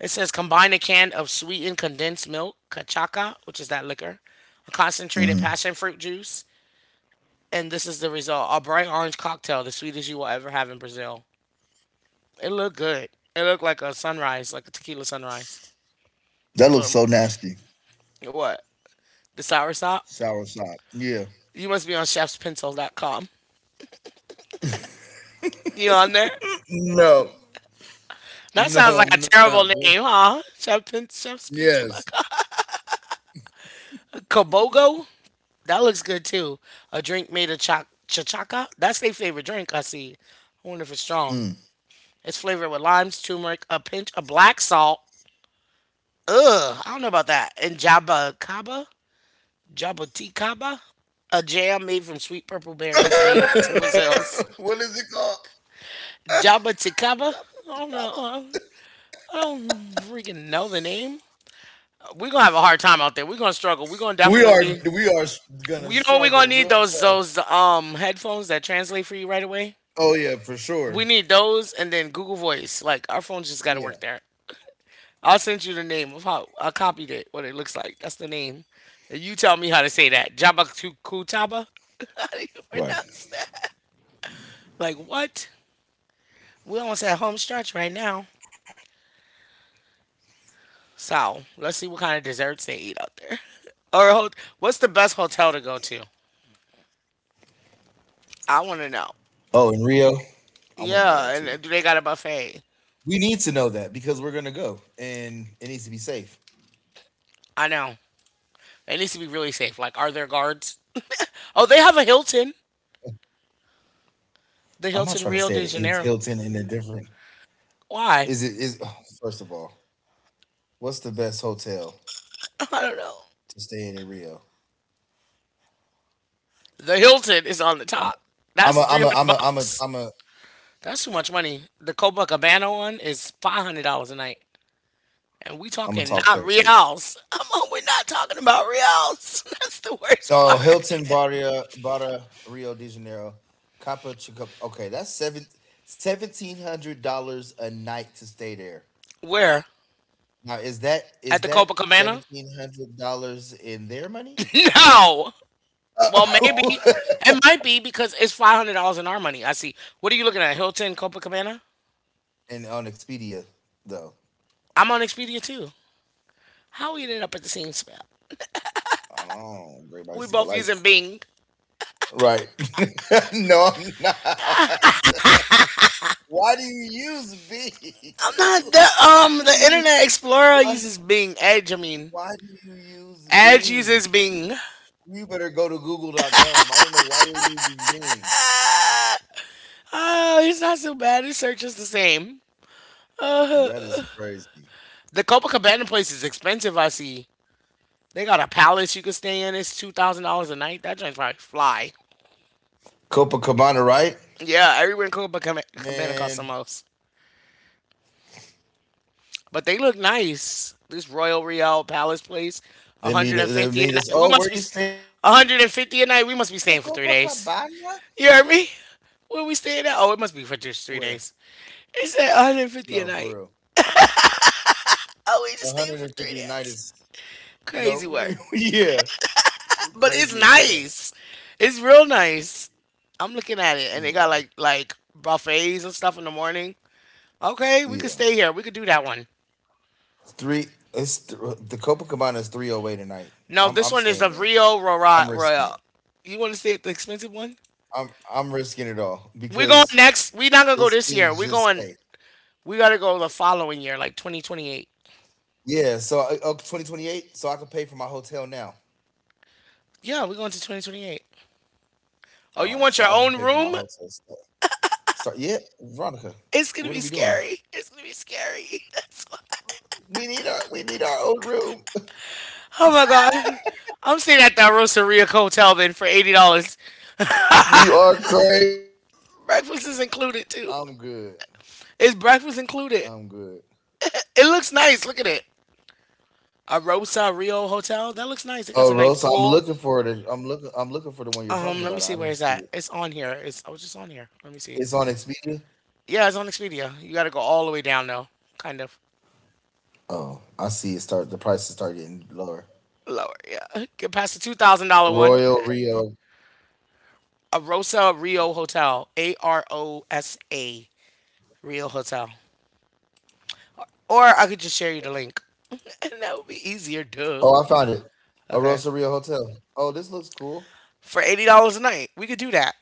Speaker 1: It says combine a can of sweetened condensed milk, cachaca, which is that liquor, a concentrated
Speaker 2: Hmm.
Speaker 1: passion fruit juice, and this is the result: a bright orange cocktail, the sweetest you will ever have in Brazil. It looked good. It looked like a sunrise, like a tequila sunrise.
Speaker 2: That looks
Speaker 1: But
Speaker 2: so nasty.
Speaker 1: what? The sour sop?
Speaker 2: Sour sop. Yeah.
Speaker 1: You must be on chefspencil.com. You on there?
Speaker 2: No,
Speaker 1: That
Speaker 2: no,
Speaker 1: sounds like a
Speaker 2: I'm not.
Speaker 1: terrible
Speaker 2: Bro.
Speaker 1: name, huh? Chef's Pencil. Dot
Speaker 2: Yes.
Speaker 1: com. Kabogo? That looks good too. A drink made of chachaca? That's their favorite drink, I see. I wonder if it's strong.
Speaker 2: Mm.
Speaker 1: It's flavored with limes, turmeric, a pinch of black salt. Ugh, I don't know about that. And jabacaba? Jabuticaba? A jam made from sweet purple berries native to Brazil's.
Speaker 2: What is it called?
Speaker 1: Jabuticaba? I don't know. I don't freaking know the name. We're going to have a hard time out there. We're going to struggle. We're going to
Speaker 2: We
Speaker 1: definitely
Speaker 2: are
Speaker 1: need.
Speaker 2: we are gonna
Speaker 1: You know we're gonna
Speaker 2: struggle
Speaker 1: need
Speaker 2: real
Speaker 1: those
Speaker 2: tough.
Speaker 1: those um headphones that translate for you right away.
Speaker 2: Oh yeah, for sure.
Speaker 1: We need those and then Google Voice. Like our phones just gotta work
Speaker 2: Yeah.
Speaker 1: there. I'll send you the name of how I copied it, what it looks like. That's the name. And you tell me how to say that. Jabakutaba? How do you
Speaker 2: Right.
Speaker 1: pronounce that? Like what? We almost at home stretch right now. So let's see what kind of desserts they eat out there. Or what's the best hotel to go to? I want to know.
Speaker 2: Oh, in Rio? I want to know
Speaker 1: Yeah,
Speaker 2: that
Speaker 1: and
Speaker 2: too.
Speaker 1: do they got a buffet?
Speaker 2: We need to know that because we're gonna go, and it needs to be safe.
Speaker 1: I know. It needs to be really safe. Like, are there guards? Oh, they have a Hilton. The
Speaker 2: I'm not
Speaker 1: Hilton
Speaker 2: trying to
Speaker 1: Rio
Speaker 2: stay at
Speaker 1: de
Speaker 2: a
Speaker 1: Janeiro.
Speaker 2: Hilton in a different.
Speaker 1: Why?
Speaker 2: Is it is first of all, what's the best hotel
Speaker 1: I don't know.
Speaker 2: to stay in Rio?
Speaker 1: The Hilton is on the
Speaker 2: I'm
Speaker 1: top.
Speaker 2: I'm a
Speaker 1: That's three
Speaker 2: I'm a I'm
Speaker 1: hundred
Speaker 2: a
Speaker 1: bucks. That's too much money. The Copacabana one is $500 a night, and we talking
Speaker 2: talk
Speaker 1: not
Speaker 2: texter.
Speaker 1: reals. I'm on, we're not talking about reals. That's the worst
Speaker 2: Oh,
Speaker 1: part.
Speaker 2: Hilton Barria Barra Rio de Janeiro, Capa Chica. Okay, that's seventeen hundred dollars a night to stay there.
Speaker 1: Where
Speaker 2: Now, is that
Speaker 1: at the
Speaker 2: is that
Speaker 1: Copacabana?
Speaker 2: $1,700 in their money?
Speaker 1: No. Well, maybe it might be because it's $500 in our money. I see. What are you looking at? Hilton Copacabana?
Speaker 2: And on Expedia though.
Speaker 1: I'm on Expedia too. How we ended up at the same spot?
Speaker 2: Oh, great
Speaker 1: We
Speaker 2: minds think
Speaker 1: both
Speaker 2: alike.
Speaker 1: using Bing.
Speaker 2: Right. No, I'm not. Why do you use Bing?
Speaker 1: I'm not the the
Speaker 2: Who you
Speaker 1: Internet Explorer
Speaker 2: why
Speaker 1: uses Bing. Edge, I mean.
Speaker 2: why do you use
Speaker 1: Edge uses
Speaker 2: Bing?
Speaker 1: Bing.
Speaker 2: You better go to Google.com. I don't know why you're using Bing.
Speaker 1: Oh, it's not so bad. His search is the same.
Speaker 2: That is crazy.
Speaker 1: The Copacabana place is expensive, I see. They got a palace you can stay in. It's $2,000 a night. That joint's probably fly.
Speaker 2: Copacabana, right?
Speaker 1: Yeah, everywhere in Copacabana costs the
Speaker 2: Man,
Speaker 1: most. But they look nice. This Royal Real Palace place,
Speaker 2: they meet they
Speaker 1: 150 a
Speaker 2: meet us.
Speaker 1: night. We
Speaker 2: Oh, where
Speaker 1: must be
Speaker 2: you staying at? Oh,
Speaker 1: 150
Speaker 2: oh,
Speaker 1: a
Speaker 2: the
Speaker 1: night. We must be staying for three
Speaker 2: Copacabana?
Speaker 1: days. You heard me? Where we staying at? Oh, it must be for just three
Speaker 2: Where?
Speaker 1: days. It said 150
Speaker 2: No,
Speaker 1: a
Speaker 2: for
Speaker 1: night.
Speaker 2: real.
Speaker 1: Oh, we just staying for three
Speaker 2: 150 a night
Speaker 1: days.
Speaker 2: is.
Speaker 1: Crazy
Speaker 2: No,
Speaker 1: work.
Speaker 2: yeah,
Speaker 1: But it's
Speaker 2: crazy as hell.
Speaker 1: nice. It's real nice. I'm looking at it, and they got
Speaker 2: Yeah,
Speaker 1: like buffets and stuff in the morning. Okay, we could
Speaker 2: yeah.
Speaker 1: stay here. We could do that one.
Speaker 2: Three. It's the Copacabana is 308 tonight.
Speaker 1: No,
Speaker 2: I'm
Speaker 1: this
Speaker 2: I'm
Speaker 1: one is
Speaker 2: staying
Speaker 1: the
Speaker 2: there.
Speaker 1: Rio
Speaker 2: I'm
Speaker 1: Royal.
Speaker 2: risking it.
Speaker 1: You want to stay at the expensive one?
Speaker 2: I'm risking it all
Speaker 1: We're going
Speaker 2: because
Speaker 1: next. We're not gonna
Speaker 2: it
Speaker 1: go this year.
Speaker 2: seems
Speaker 1: We're
Speaker 2: just
Speaker 1: going.
Speaker 2: safe.
Speaker 1: We gotta go the following year, like 2028.
Speaker 2: Yeah. So oh, 2028. So I could pay for my hotel now.
Speaker 1: Yeah, we're going to 2028. Oh,
Speaker 2: All
Speaker 1: you
Speaker 2: right.
Speaker 1: want
Speaker 2: So
Speaker 1: your
Speaker 2: I'll just
Speaker 1: own
Speaker 2: pay for my
Speaker 1: room?
Speaker 2: hotel stuff. Start. Yeah, Veronica. What are we doing?
Speaker 1: It's gonna be scary. That's why.
Speaker 2: We need our own room.
Speaker 1: Oh my god. I'm staying at that Rosaria Hotel then for $80.
Speaker 2: You are crazy.
Speaker 1: Breakfast is
Speaker 2: I'm
Speaker 1: included
Speaker 2: good.
Speaker 1: too. Is breakfast
Speaker 2: I'm
Speaker 1: included?
Speaker 2: good.
Speaker 1: It looks nice. Look at it. A Rosario Hotel. That looks nice. It got
Speaker 2: Oh,
Speaker 1: a nice
Speaker 2: Rosa, I'm
Speaker 1: pool.
Speaker 2: looking for it. I'm looking. I'm looking for the one you're talking
Speaker 1: Let me
Speaker 2: about.
Speaker 1: see
Speaker 2: I
Speaker 1: where is
Speaker 2: don't see
Speaker 1: that.
Speaker 2: it.
Speaker 1: It's on here. It's I was just on here. Let me see.
Speaker 2: It's on Expedia.
Speaker 1: Yeah, it's on Expedia. You got to go all the way down though, kind of
Speaker 2: Oh, I see it. Start The prices start getting lower.
Speaker 1: lower. Yeah, get past the $2,000 one.
Speaker 2: Royal Rio.
Speaker 1: Arosa Rio Hotel, AROSA Rio Hotel. Or I could just share you the link, and that would be easier. Duh.
Speaker 2: Oh, I found it. A
Speaker 1: Okay,
Speaker 2: Rosa Rio Hotel. Oh, this looks cool.
Speaker 1: for $80 a night, we could do that.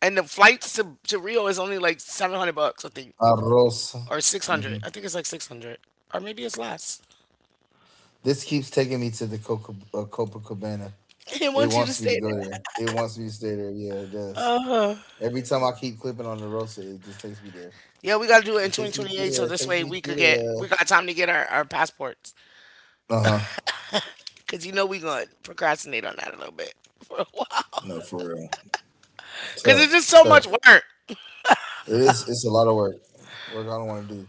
Speaker 1: And the flights to Rio is only like $700, I think,
Speaker 2: A Rosa.
Speaker 1: or six
Speaker 2: Hmm.
Speaker 1: hundred. I think it's like 600, or maybe it's less.
Speaker 2: This keeps taking me to the Copacabana.
Speaker 1: They
Speaker 2: It
Speaker 1: want you to
Speaker 2: wants me to
Speaker 1: stay
Speaker 2: go
Speaker 1: there.
Speaker 2: there. It wants me to stay there. Yeah, it does. Every time I keep clipping on the Rosa, it just takes me there.
Speaker 1: Yeah, we gotta do it
Speaker 2: It
Speaker 1: in
Speaker 2: takes me through
Speaker 1: 2028, so
Speaker 2: there. It
Speaker 1: this
Speaker 2: takes
Speaker 1: way
Speaker 2: me
Speaker 1: we could
Speaker 2: through
Speaker 1: get
Speaker 2: there.
Speaker 1: we got time to get our passports.
Speaker 2: Uh huh.
Speaker 1: Cause you know we gonna procrastinate on that a little bit for a while.
Speaker 2: No, for real.
Speaker 1: Cause it's
Speaker 2: Tough.
Speaker 1: just so much
Speaker 2: Tough.
Speaker 1: work.
Speaker 2: It is. It's a lot of work. Work I don't want to do.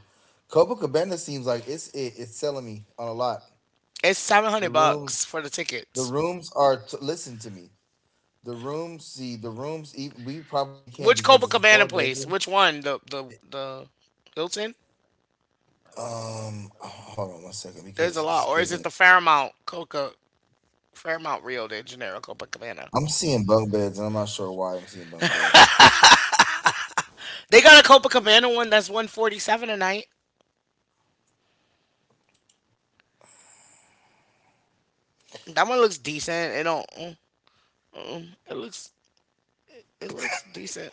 Speaker 2: Copacabana seems like it's it. It's selling me on a lot.
Speaker 1: It's seven
Speaker 2: The
Speaker 1: hundred
Speaker 2: rooms.
Speaker 1: bucks for the
Speaker 2: The
Speaker 1: tickets.
Speaker 2: rooms are. Listen to me. The rooms. See the rooms. We probably can
Speaker 1: Which
Speaker 2: because it's a
Speaker 1: Copacabana
Speaker 2: four
Speaker 1: place?
Speaker 2: bedroom.
Speaker 1: Which one? The Hilton?
Speaker 2: Hold on one second
Speaker 1: There's a
Speaker 2: because it's
Speaker 1: lot, or is it
Speaker 2: giving.
Speaker 1: the Fairmount Coca Fairmount Rio de Janeiro Copacabana?
Speaker 2: I'm seeing bunk beds and I'm not sure why I'm seeing bunk beds.
Speaker 1: They got a Copacabana one that's 147 a night. That one looks decent. It don't. Looks it looks decent.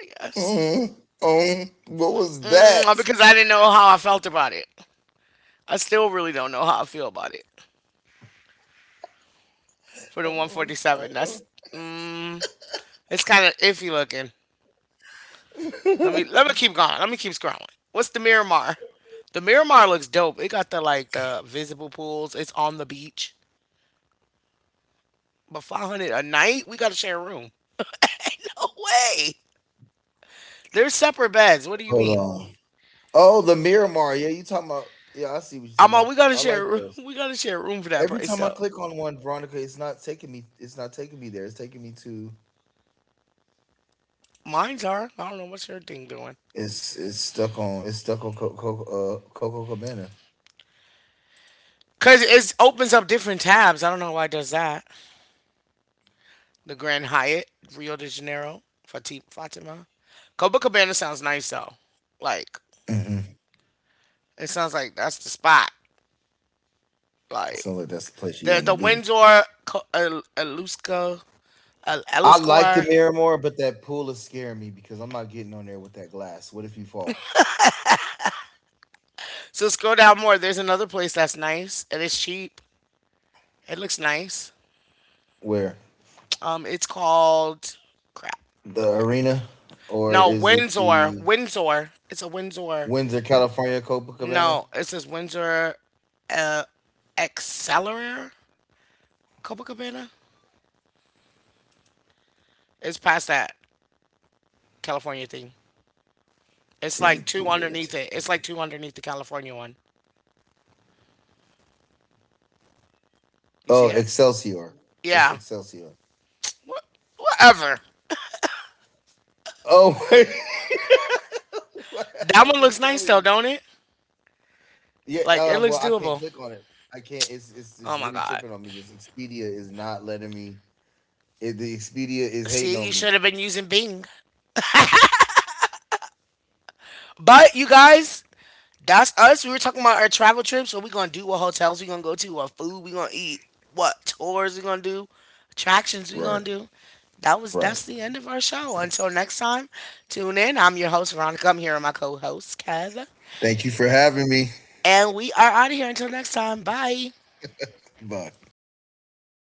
Speaker 1: I guess.
Speaker 2: Um, um, what was
Speaker 1: Mm,
Speaker 2: that?
Speaker 1: because I didn't know how I felt about it. I still really don't know how I feel about it. For the
Speaker 2: Um,
Speaker 1: 147.
Speaker 2: um.
Speaker 1: That's mm, it's kind of iffy looking. Let me let me keep going. Let me keep scrolling. What's the Miramar? The Miramar looks dope. It got the visible pools. It's on the beach. But 500 a night? We got to share a room. Ain't no way. They're separate beds. What do you
Speaker 2: Hold
Speaker 1: mean?
Speaker 2: on. Oh, the Miramar. Yeah, you talking about? Yeah, I see what you
Speaker 1: I'm
Speaker 2: talking
Speaker 1: all,
Speaker 2: about.
Speaker 1: we got to
Speaker 2: I
Speaker 1: share a
Speaker 2: like
Speaker 1: room.
Speaker 2: those.
Speaker 1: We got to share a room for that
Speaker 2: Every
Speaker 1: price
Speaker 2: time I
Speaker 1: though.
Speaker 2: click on one, Veronica, it's not taking me. It's not taking me there. It's taking me to.
Speaker 1: Mine's are. I don't know what's your thing doing.
Speaker 2: It's stuck on. It's stuck on Coco Cabana.
Speaker 1: Cause it opens up different tabs. I don't know why it does that. The Grand Hyatt, Rio de Janeiro, Fatima. Copacabana sounds nice though. Like
Speaker 2: Mm-hmm.
Speaker 1: it sounds like that's the spot.
Speaker 2: So
Speaker 1: Like
Speaker 2: like that's the place you
Speaker 1: the
Speaker 2: want to
Speaker 1: the
Speaker 2: be.
Speaker 1: Windsor, Elusco,
Speaker 2: I like the
Speaker 1: Eliscor.
Speaker 2: Miramar, but that pool is scaring me because I'm not getting on there with that glass. What if you fall?
Speaker 1: So scroll down more. There's another place that's nice and it's cheap. It looks nice.
Speaker 2: Where
Speaker 1: It's called crap. Let me go
Speaker 2: the
Speaker 1: back.
Speaker 2: arena, or
Speaker 1: No,
Speaker 2: is it the
Speaker 1: Windsor. It's a Windsor.
Speaker 2: Windsor, California Copacabana?
Speaker 1: No, it says Windsor, uh, Accelerator, Copacabana. It's past that California thing. It's
Speaker 2: Take
Speaker 1: like
Speaker 2: me
Speaker 1: two
Speaker 2: through the,
Speaker 1: underneath it. It's like two underneath the California one. You
Speaker 2: oh,
Speaker 1: see it?
Speaker 2: Excelsior. That's
Speaker 1: Yeah.
Speaker 2: Excelsior.
Speaker 1: What? Whatever.
Speaker 2: Oh wait. Wow,
Speaker 1: That
Speaker 2: I am
Speaker 1: one looks
Speaker 2: just
Speaker 1: nice
Speaker 2: telling
Speaker 1: though,
Speaker 2: you.
Speaker 1: don't it?
Speaker 2: Yeah,
Speaker 1: Like it looks
Speaker 2: well, I can't
Speaker 1: doable.
Speaker 2: click on it. I can't. It's it's
Speaker 1: Oh
Speaker 2: it's
Speaker 1: my
Speaker 2: really
Speaker 1: god.
Speaker 2: tripping on me. This Expedia is not letting me. The Expedia is hating
Speaker 1: See, you
Speaker 2: on
Speaker 1: should
Speaker 2: me.
Speaker 1: have been using Bing. But you guys, that's us. We were talking about our travel trips. What we gonna do? What hotels we gonna go to? What food we gonna eat? What tours we gonna do? Attractions we gonna
Speaker 2: Right,
Speaker 1: do?
Speaker 2: right.
Speaker 1: That's the end of our show. Until next time, tune in. I'm your host Veronica. I'm here with my co-host Kev.
Speaker 2: Thank you for having me.
Speaker 1: And we are out of here until next time. Bye.
Speaker 2: Bye.